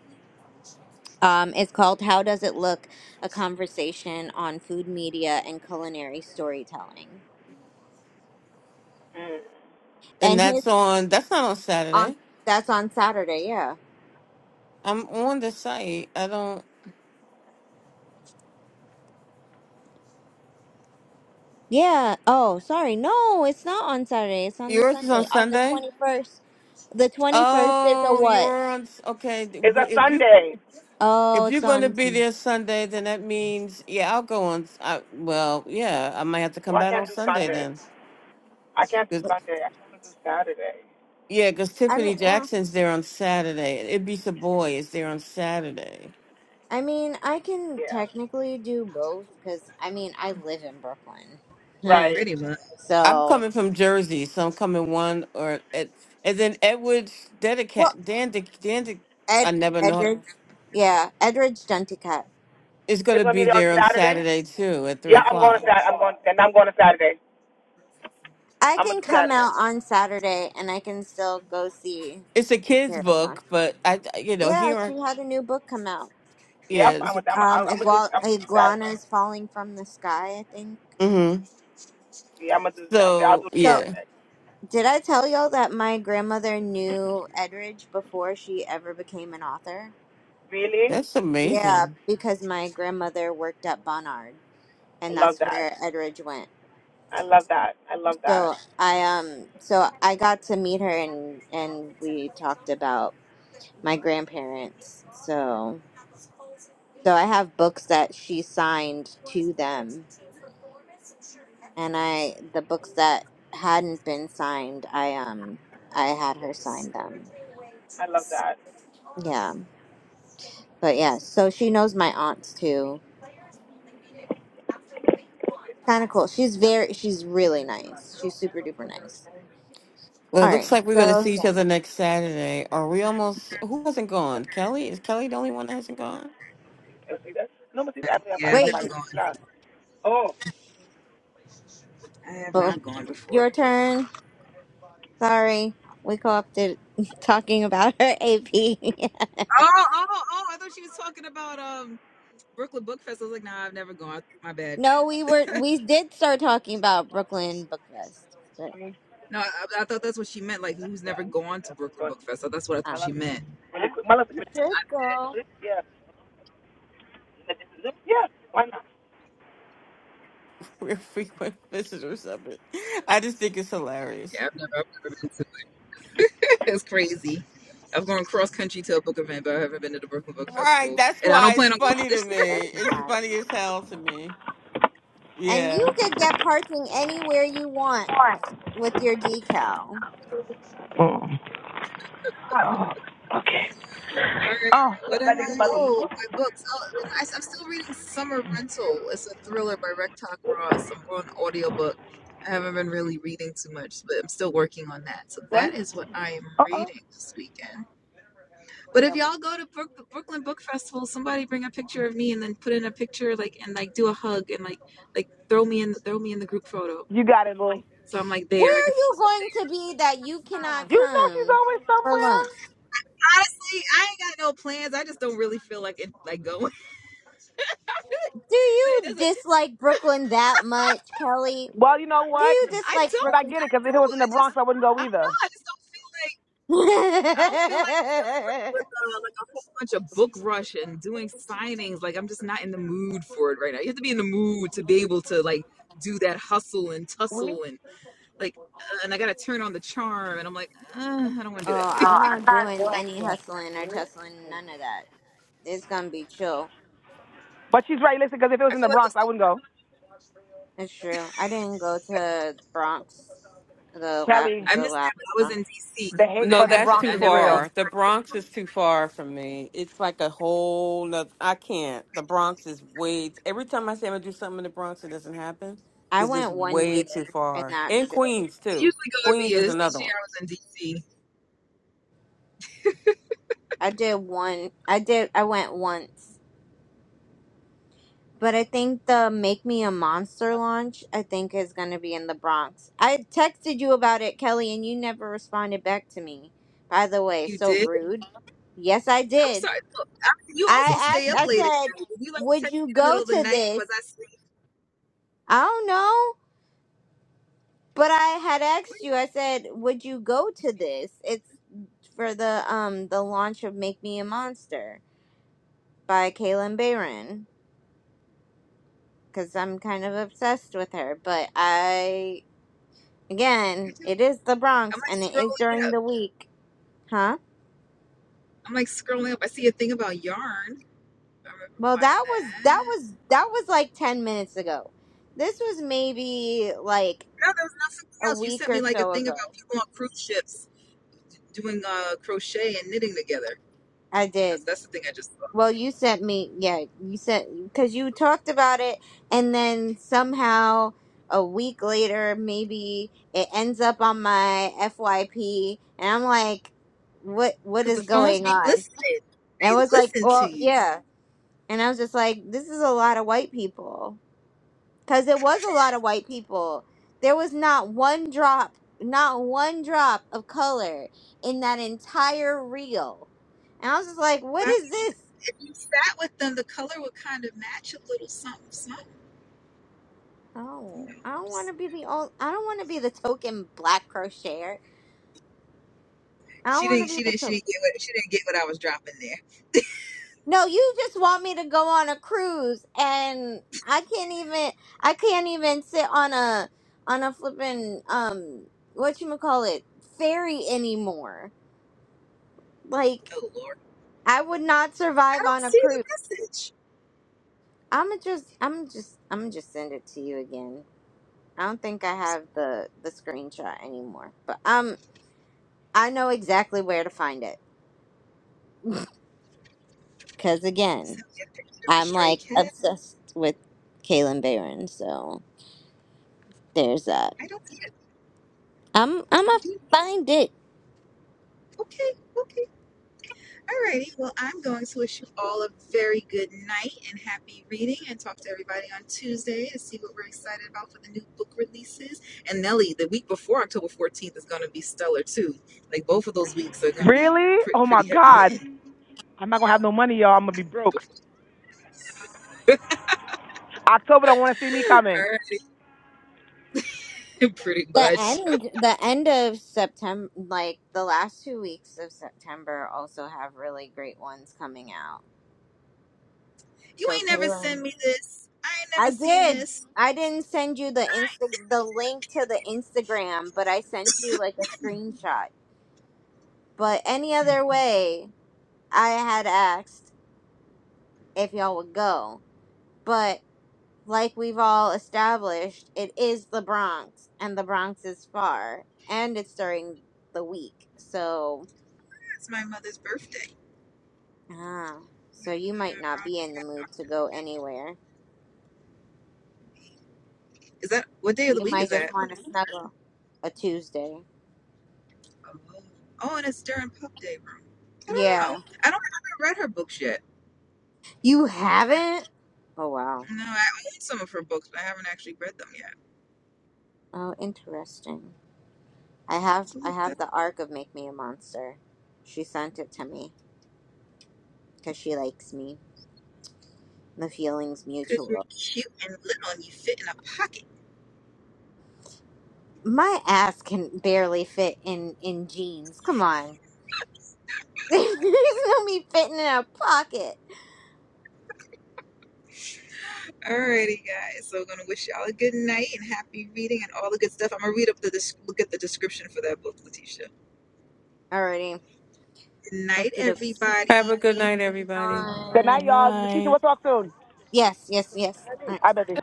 Speaker 1: Um, it's called "How Does It Look: A Conversation on Food Media and Culinary Storytelling."
Speaker 7: Mm.
Speaker 4: And
Speaker 1: And his
Speaker 4: that's on that's not on
Speaker 1: On
Speaker 4: Saturday.
Speaker 1: that's on Saturday, yeah.
Speaker 4: I'm on the site. I don't.
Speaker 1: Yeah. Oh, sorry. No, it's not on Saturday. It's on the
Speaker 4: Yours is on
Speaker 1: Sunday. On the
Speaker 4: Sunday.
Speaker 1: 21st. The 21st is a
Speaker 4: Oh,
Speaker 1: what?
Speaker 4: you're on. s- Okay, th-
Speaker 7: It's a
Speaker 4: but if you
Speaker 7: Sunday.
Speaker 1: Oh,
Speaker 4: if you're
Speaker 1: it's
Speaker 4: going to
Speaker 1: on.
Speaker 4: be there Sunday, then that means yeah, I'll go on. s- I, well, yeah, I might have to come
Speaker 7: Well, I
Speaker 4: back
Speaker 7: can't
Speaker 4: on
Speaker 7: do
Speaker 4: Sunday
Speaker 7: Sunday.
Speaker 4: then.
Speaker 7: I can't do Sunday. I can not do Saturday.
Speaker 4: Yeah, because
Speaker 1: I
Speaker 4: Tiffany
Speaker 1: mean, well,
Speaker 4: Jackson's there on Saturday. Ibisa Boy is there on Saturday.
Speaker 1: I mean, I can
Speaker 7: Yeah.
Speaker 1: technically do both because I mean, I live in Brooklyn, Huh.
Speaker 7: Right.
Speaker 3: Pretty much.
Speaker 4: I'm
Speaker 1: so
Speaker 4: coming from Jersey, so I'm coming one or and and then Edward
Speaker 1: well,
Speaker 4: Dedicat Dan Dandic
Speaker 1: Ed,
Speaker 4: I never know
Speaker 1: Edridge, yeah, Edridge Dunticut.
Speaker 4: is going
Speaker 7: It's
Speaker 4: to
Speaker 7: gonna
Speaker 4: be
Speaker 7: be there on
Speaker 4: there on
Speaker 7: Saturday.
Speaker 4: Saturday too at three
Speaker 7: Yeah, I'm going to
Speaker 4: o'clock.
Speaker 7: Saturday. I'm going and I'm going to Saturday.
Speaker 1: I
Speaker 7: I'm gonna
Speaker 1: can
Speaker 7: do
Speaker 1: come
Speaker 7: Saturday.
Speaker 1: out on Saturday and I can still go see
Speaker 4: It's a kids
Speaker 1: Marathon.
Speaker 4: book, but I I- you know
Speaker 1: Yeah,
Speaker 4: here
Speaker 1: she
Speaker 4: are-
Speaker 1: had a new book come out.
Speaker 7: Yeah, I'm
Speaker 4: yeah.
Speaker 7: fine
Speaker 4: It's a,
Speaker 7: with that. I'm, I'm,
Speaker 1: um
Speaker 7: I'm gonna do.
Speaker 1: igual-
Speaker 7: I'm gonna do Saturday.
Speaker 1: iguanas falling from the sky i think
Speaker 4: mm-hmm.
Speaker 7: Yeah, I'm gonna do. Okay, I'll
Speaker 4: So
Speaker 7: do
Speaker 1: so
Speaker 4: yeah,
Speaker 7: Saturday.
Speaker 1: did i tell y'all that my grandmother knew edridge before she ever became an author
Speaker 7: Really?
Speaker 4: that's
Speaker 1: yeah
Speaker 4: amazing.
Speaker 1: because my grandmother worked at barnard
Speaker 7: I
Speaker 1: and
Speaker 7: love
Speaker 1: that's
Speaker 7: that.
Speaker 1: where edridge went
Speaker 7: I love that. I love that.
Speaker 1: so i um so i got to meet her and and we talked about my grandparents so so i have books that she signed to them and I the books that hadn't been signed, I um I had her sign them.
Speaker 7: I love that.
Speaker 1: Yeah. But yeah, so she knows my aunts too. Kind of cool. She's very she's really nice. She's super duper nice.
Speaker 4: Well, it
Speaker 1: All right.
Speaker 4: looks like we're going to
Speaker 1: So
Speaker 4: see each other
Speaker 1: seven.
Speaker 4: next Saturday. Are we almost? Who hasn't gone? Kelly is Kelly the only one that hasn't gone?
Speaker 7: You see that? No, but it's actually
Speaker 3: Yeah,
Speaker 7: about
Speaker 3: I've
Speaker 7: my
Speaker 1: Wait,
Speaker 3: never gone.
Speaker 7: last. Oh,
Speaker 3: I have
Speaker 1: well,
Speaker 3: not gone before.
Speaker 1: your turn. Sorry. We co-opted talking about her AP.
Speaker 3: Oh, oh, oh! I thought she was talking about um Brooklyn Book Fest. I was like, nah, I've never gone. My bad.
Speaker 1: no, we were we did start talking about Brooklyn Book Fest, but
Speaker 3: No, I, I thought that's what she meant. Like, who's never gone to Brooklyn Book Fest? So that's what I thought
Speaker 7: my
Speaker 1: ah,
Speaker 7: last,
Speaker 3: she meant.
Speaker 7: really quick. My last,
Speaker 1: you should go.
Speaker 7: yeah. Yeah, why not?
Speaker 4: We're frequent visitors of it. I just think it's hilarious.
Speaker 3: Yeah, I've never. it's crazy. I've gone cross country to a book event, but I haven't been to the Brooklyn Book
Speaker 4: Right.
Speaker 3: Festival,
Speaker 4: That's
Speaker 3: and I don't
Speaker 4: why it's
Speaker 3: plan on going
Speaker 4: funny to
Speaker 3: this year.
Speaker 4: me.
Speaker 1: That's
Speaker 4: It's
Speaker 1: mad.
Speaker 4: funny as hell to me.
Speaker 1: And
Speaker 4: Yeah.
Speaker 1: you could get parking anywhere you want with your decal.
Speaker 7: Mm.
Speaker 3: Or what am
Speaker 7: That
Speaker 3: I?
Speaker 7: is my
Speaker 3: Oh, my books. Oh, I, am still reading Summer Rental. It's a thriller by Rectok Ross. I'm on audiobook. I haven't been really reading too much, but I'm still working on that. So
Speaker 7: one.
Speaker 3: that is what I am
Speaker 7: Uh oh.
Speaker 3: reading this weekend. But if y'all go to Brook, Brooklyn Book Festival, somebody bring a picture of me and then put in a picture, like and like do a hug and like like throw me in throw me in the group photo.
Speaker 7: You got it, boy.
Speaker 3: So I'm like there. I
Speaker 1: Where
Speaker 3: can
Speaker 1: are
Speaker 3: feel
Speaker 1: you going to be that you cannot come for lunch?
Speaker 3: honestly, I ain't got no plans. I just don't really feel like it like going.
Speaker 1: Do
Speaker 3: It
Speaker 1: you
Speaker 3: doesn't.
Speaker 1: dislike Brooklyn that much, Kelly?
Speaker 7: Well, you know
Speaker 1: Do
Speaker 7: what?
Speaker 1: you
Speaker 3: I don't.
Speaker 1: dislike
Speaker 7: But I
Speaker 1: Brooklyn?
Speaker 7: get it because if it was in the
Speaker 3: I
Speaker 7: Bronx,
Speaker 3: just,
Speaker 7: I wouldn't go
Speaker 3: I don't know.
Speaker 7: either.
Speaker 3: I just don't feel like,
Speaker 1: oh,
Speaker 3: I don't feel like with uh, like a whole bunch of book rush and doing signings. Like I'm just not in the mood for it right now. You have to be in the mood to be able to like do that hustle and
Speaker 7: We?
Speaker 3: tussle and like, uh, and I gotta turn on the charm. And I'm like, uh, I don't want to do it.
Speaker 1: I'm not doing any
Speaker 7: Yeah.
Speaker 1: hustling or tussling, none of that. It's gonna be chill.
Speaker 7: But she's right. Listen, because if it was
Speaker 3: I
Speaker 7: in the
Speaker 3: feel like
Speaker 7: Bronx,
Speaker 3: it's,
Speaker 7: I wouldn't go.
Speaker 1: It's true. I didn't go to Bronx the la-
Speaker 7: Kelly,
Speaker 3: I
Speaker 1: the
Speaker 3: missed
Speaker 1: last
Speaker 3: that when I was
Speaker 1: Bronx.
Speaker 3: in DC
Speaker 7: the
Speaker 3: when
Speaker 7: hate
Speaker 4: No,
Speaker 7: for
Speaker 3: that
Speaker 7: the
Speaker 4: that's
Speaker 3: happened.
Speaker 7: Bronx
Speaker 4: too
Speaker 3: I
Speaker 7: is
Speaker 3: never, I
Speaker 7: real.
Speaker 4: far.
Speaker 3: used-
Speaker 4: The Bronx is too far from me. It's like a whole noth- I can't. The Bronx is way. Every time I say I'm going to do something in the Bronx, it doesn't happen
Speaker 1: I
Speaker 4: because it's
Speaker 1: went one
Speaker 4: way
Speaker 1: year,
Speaker 4: too
Speaker 1: and
Speaker 4: far.
Speaker 1: that's
Speaker 4: And
Speaker 1: it.
Speaker 4: Queens,
Speaker 3: I
Speaker 4: too.
Speaker 3: usually go every
Speaker 4: Queens
Speaker 3: year.
Speaker 4: is
Speaker 3: This
Speaker 4: another
Speaker 3: this year
Speaker 4: one.
Speaker 3: I was in DC.
Speaker 1: I did one. I did. I went once, but I think the "Make Me a Monster" launch I think is going to be in the Bronx. I texted you about it, Kelly, and you never responded back to me. By the way,
Speaker 3: You
Speaker 1: so
Speaker 3: did?
Speaker 1: rude. Yes, I
Speaker 3: I'm
Speaker 1: did.
Speaker 3: sorry. Look, I, you also
Speaker 1: I
Speaker 3: stay up
Speaker 1: asked.
Speaker 3: late at
Speaker 1: I said,
Speaker 3: night. Did you like
Speaker 1: "Would
Speaker 3: text
Speaker 1: you
Speaker 3: me in the
Speaker 1: go
Speaker 3: middle of the
Speaker 1: to
Speaker 3: night?
Speaker 1: this?"
Speaker 3: Was I
Speaker 1: I don't know, but I had asked you. I said, "Would you go to this?" It's for the um the launch of "Make Me a Monster" by Kaylin Barron. because I'm kind of obsessed with her. But I, again,
Speaker 3: sleeping?
Speaker 1: it is the
Speaker 3: I'm
Speaker 1: Bronx
Speaker 3: like
Speaker 1: and it is
Speaker 3: scrolling
Speaker 1: during
Speaker 3: up.
Speaker 1: the week, huh?
Speaker 3: I'm like scrolling up. I see a thing about yarn. I
Speaker 1: Well,
Speaker 3: reply to
Speaker 1: that was that
Speaker 3: that.
Speaker 1: was that was like ten minutes ago. This was maybe like
Speaker 3: No, there was not something
Speaker 1: a
Speaker 3: else. You
Speaker 1: week
Speaker 3: sent me
Speaker 1: or
Speaker 3: like a
Speaker 1: so
Speaker 3: thing
Speaker 1: ago.
Speaker 3: about people on cruise ships d- doing uh, crochet and knitting together.
Speaker 1: I did.
Speaker 3: That's that's the thing I just saw.
Speaker 1: Well, you sent me, yeah, you sent because you talked about it, and then somehow a week later, maybe it ends up on my FYP, and I'm like, what what
Speaker 3: Because the
Speaker 1: is
Speaker 3: phones
Speaker 1: going
Speaker 3: be
Speaker 1: on?
Speaker 3: listening.
Speaker 1: And I
Speaker 3: They
Speaker 1: was like,
Speaker 3: listen to
Speaker 1: well,
Speaker 3: you.
Speaker 1: yeah. And I was just like, this is a lot of white people. Because it was a lot of white people. There was not one drop, not one drop of color in that entire reel. And I was just like, what
Speaker 3: But I mean,
Speaker 1: is this?
Speaker 3: if you sat with them, the color would kind of match a little something, something. You know.
Speaker 1: Oh, I don't want
Speaker 3: Just-
Speaker 1: to be the old. I don't want to be the token black crocheter. I don't
Speaker 3: She
Speaker 1: want
Speaker 3: didn't.
Speaker 1: to be
Speaker 3: She
Speaker 1: the
Speaker 3: didn't.
Speaker 1: token.
Speaker 3: She didn't get what. She didn't get what I was dropping there.
Speaker 1: No, you just want me to go on a cruise and I can't even I can't even sit on a on a flippin' um what you call it ferry anymore. Like
Speaker 3: Oh Lord,
Speaker 1: I would not
Speaker 3: I
Speaker 1: survive
Speaker 3: don't
Speaker 1: on a
Speaker 3: see the
Speaker 1: cruise.
Speaker 3: message.
Speaker 1: I'm gonna just I'm just I'm gonna just send it to you again. I don't think I have the the screenshot anymore, but um I know exactly where to find it cuz
Speaker 3: You
Speaker 1: again,
Speaker 3: sent me a picture of a
Speaker 1: I'm
Speaker 3: stray
Speaker 1: like
Speaker 3: cat.
Speaker 1: obsessed with Kaylin Barron, so there's that.
Speaker 3: I don't see
Speaker 1: I'm I'm gonna
Speaker 3: it.
Speaker 1: find it.
Speaker 3: Okay, okay. Alrighty. Well, I'm going to wish you all a very good night and happy reading and talk to everybody on Tuesday to see what we're excited about for the new book releases. And Nelly, the week before October 14th is going to be stellar too. Like both of those weeks are going to be
Speaker 7: Really?
Speaker 3: pretty,
Speaker 7: Oh my
Speaker 3: pretty heavy
Speaker 7: God.
Speaker 3: hitting.
Speaker 7: I'm not gonna have no money, y'all. I'm gonna be broke. October don't want to see me coming.
Speaker 3: Alrighty. Pretty
Speaker 1: The
Speaker 3: much.
Speaker 1: end the end of September like the last two weeks of September also have really great ones coming out.
Speaker 3: You
Speaker 1: So
Speaker 3: ain't never
Speaker 1: Kaylin.
Speaker 3: send me this. I ain't
Speaker 1: I
Speaker 3: never seen
Speaker 1: did.
Speaker 3: this.
Speaker 1: I didn't send you the
Speaker 3: I,
Speaker 1: Insta the link to the Instagram, but I sent you like a screenshot. But any other way I had asked if y'all would go. but. like we've all established, it is the Bronx, and the Bronx is far, and it's during the week. So,
Speaker 3: it's my mother's birthday.
Speaker 1: ah, so you might
Speaker 3: Uh,
Speaker 1: not
Speaker 3: wrong-
Speaker 1: be in the mood to go anywhere.
Speaker 3: Is that what day of the
Speaker 1: You
Speaker 3: week is
Speaker 1: might
Speaker 3: that?
Speaker 1: just want to snuggle a Tuesday.
Speaker 3: Oh, oh, and it's during pub day room. I don't know.
Speaker 1: Yeah,
Speaker 3: I don't. haven't read her books yet.
Speaker 1: you
Speaker 3: I,
Speaker 1: haven't. Oh wow.
Speaker 3: no, I own some of her books, but I haven't actually read them yet.
Speaker 1: Oh, interesting. I have
Speaker 3: So
Speaker 1: I
Speaker 3: look that
Speaker 1: have the arc of Make Me a Monster. She sent it to me because she likes me. The feeling's
Speaker 3: because
Speaker 1: mutual.
Speaker 3: you're cute and little and you fit in a pocket.
Speaker 1: My ass can barely fit in in jeans. Come on. There's no me fitting in a pocket.
Speaker 3: Alrighty, guys. So I'm gonna wish y'all a good night and happy reading and all the good stuff. I'm gonna read up the des- look at the description for that book, Letitia.
Speaker 1: Alrighty.
Speaker 3: Good night,
Speaker 1: Okay.
Speaker 4: Have a good
Speaker 3: everybody.
Speaker 4: night,
Speaker 1: dokie.
Speaker 4: everybody.
Speaker 7: Good
Speaker 1: Nice.
Speaker 5: good
Speaker 7: night, y'all. This is Keisha.
Speaker 5: night.
Speaker 7: We'll talk soon.
Speaker 1: Yes, yes, yes. All
Speaker 7: I
Speaker 1: right.
Speaker 7: bet you.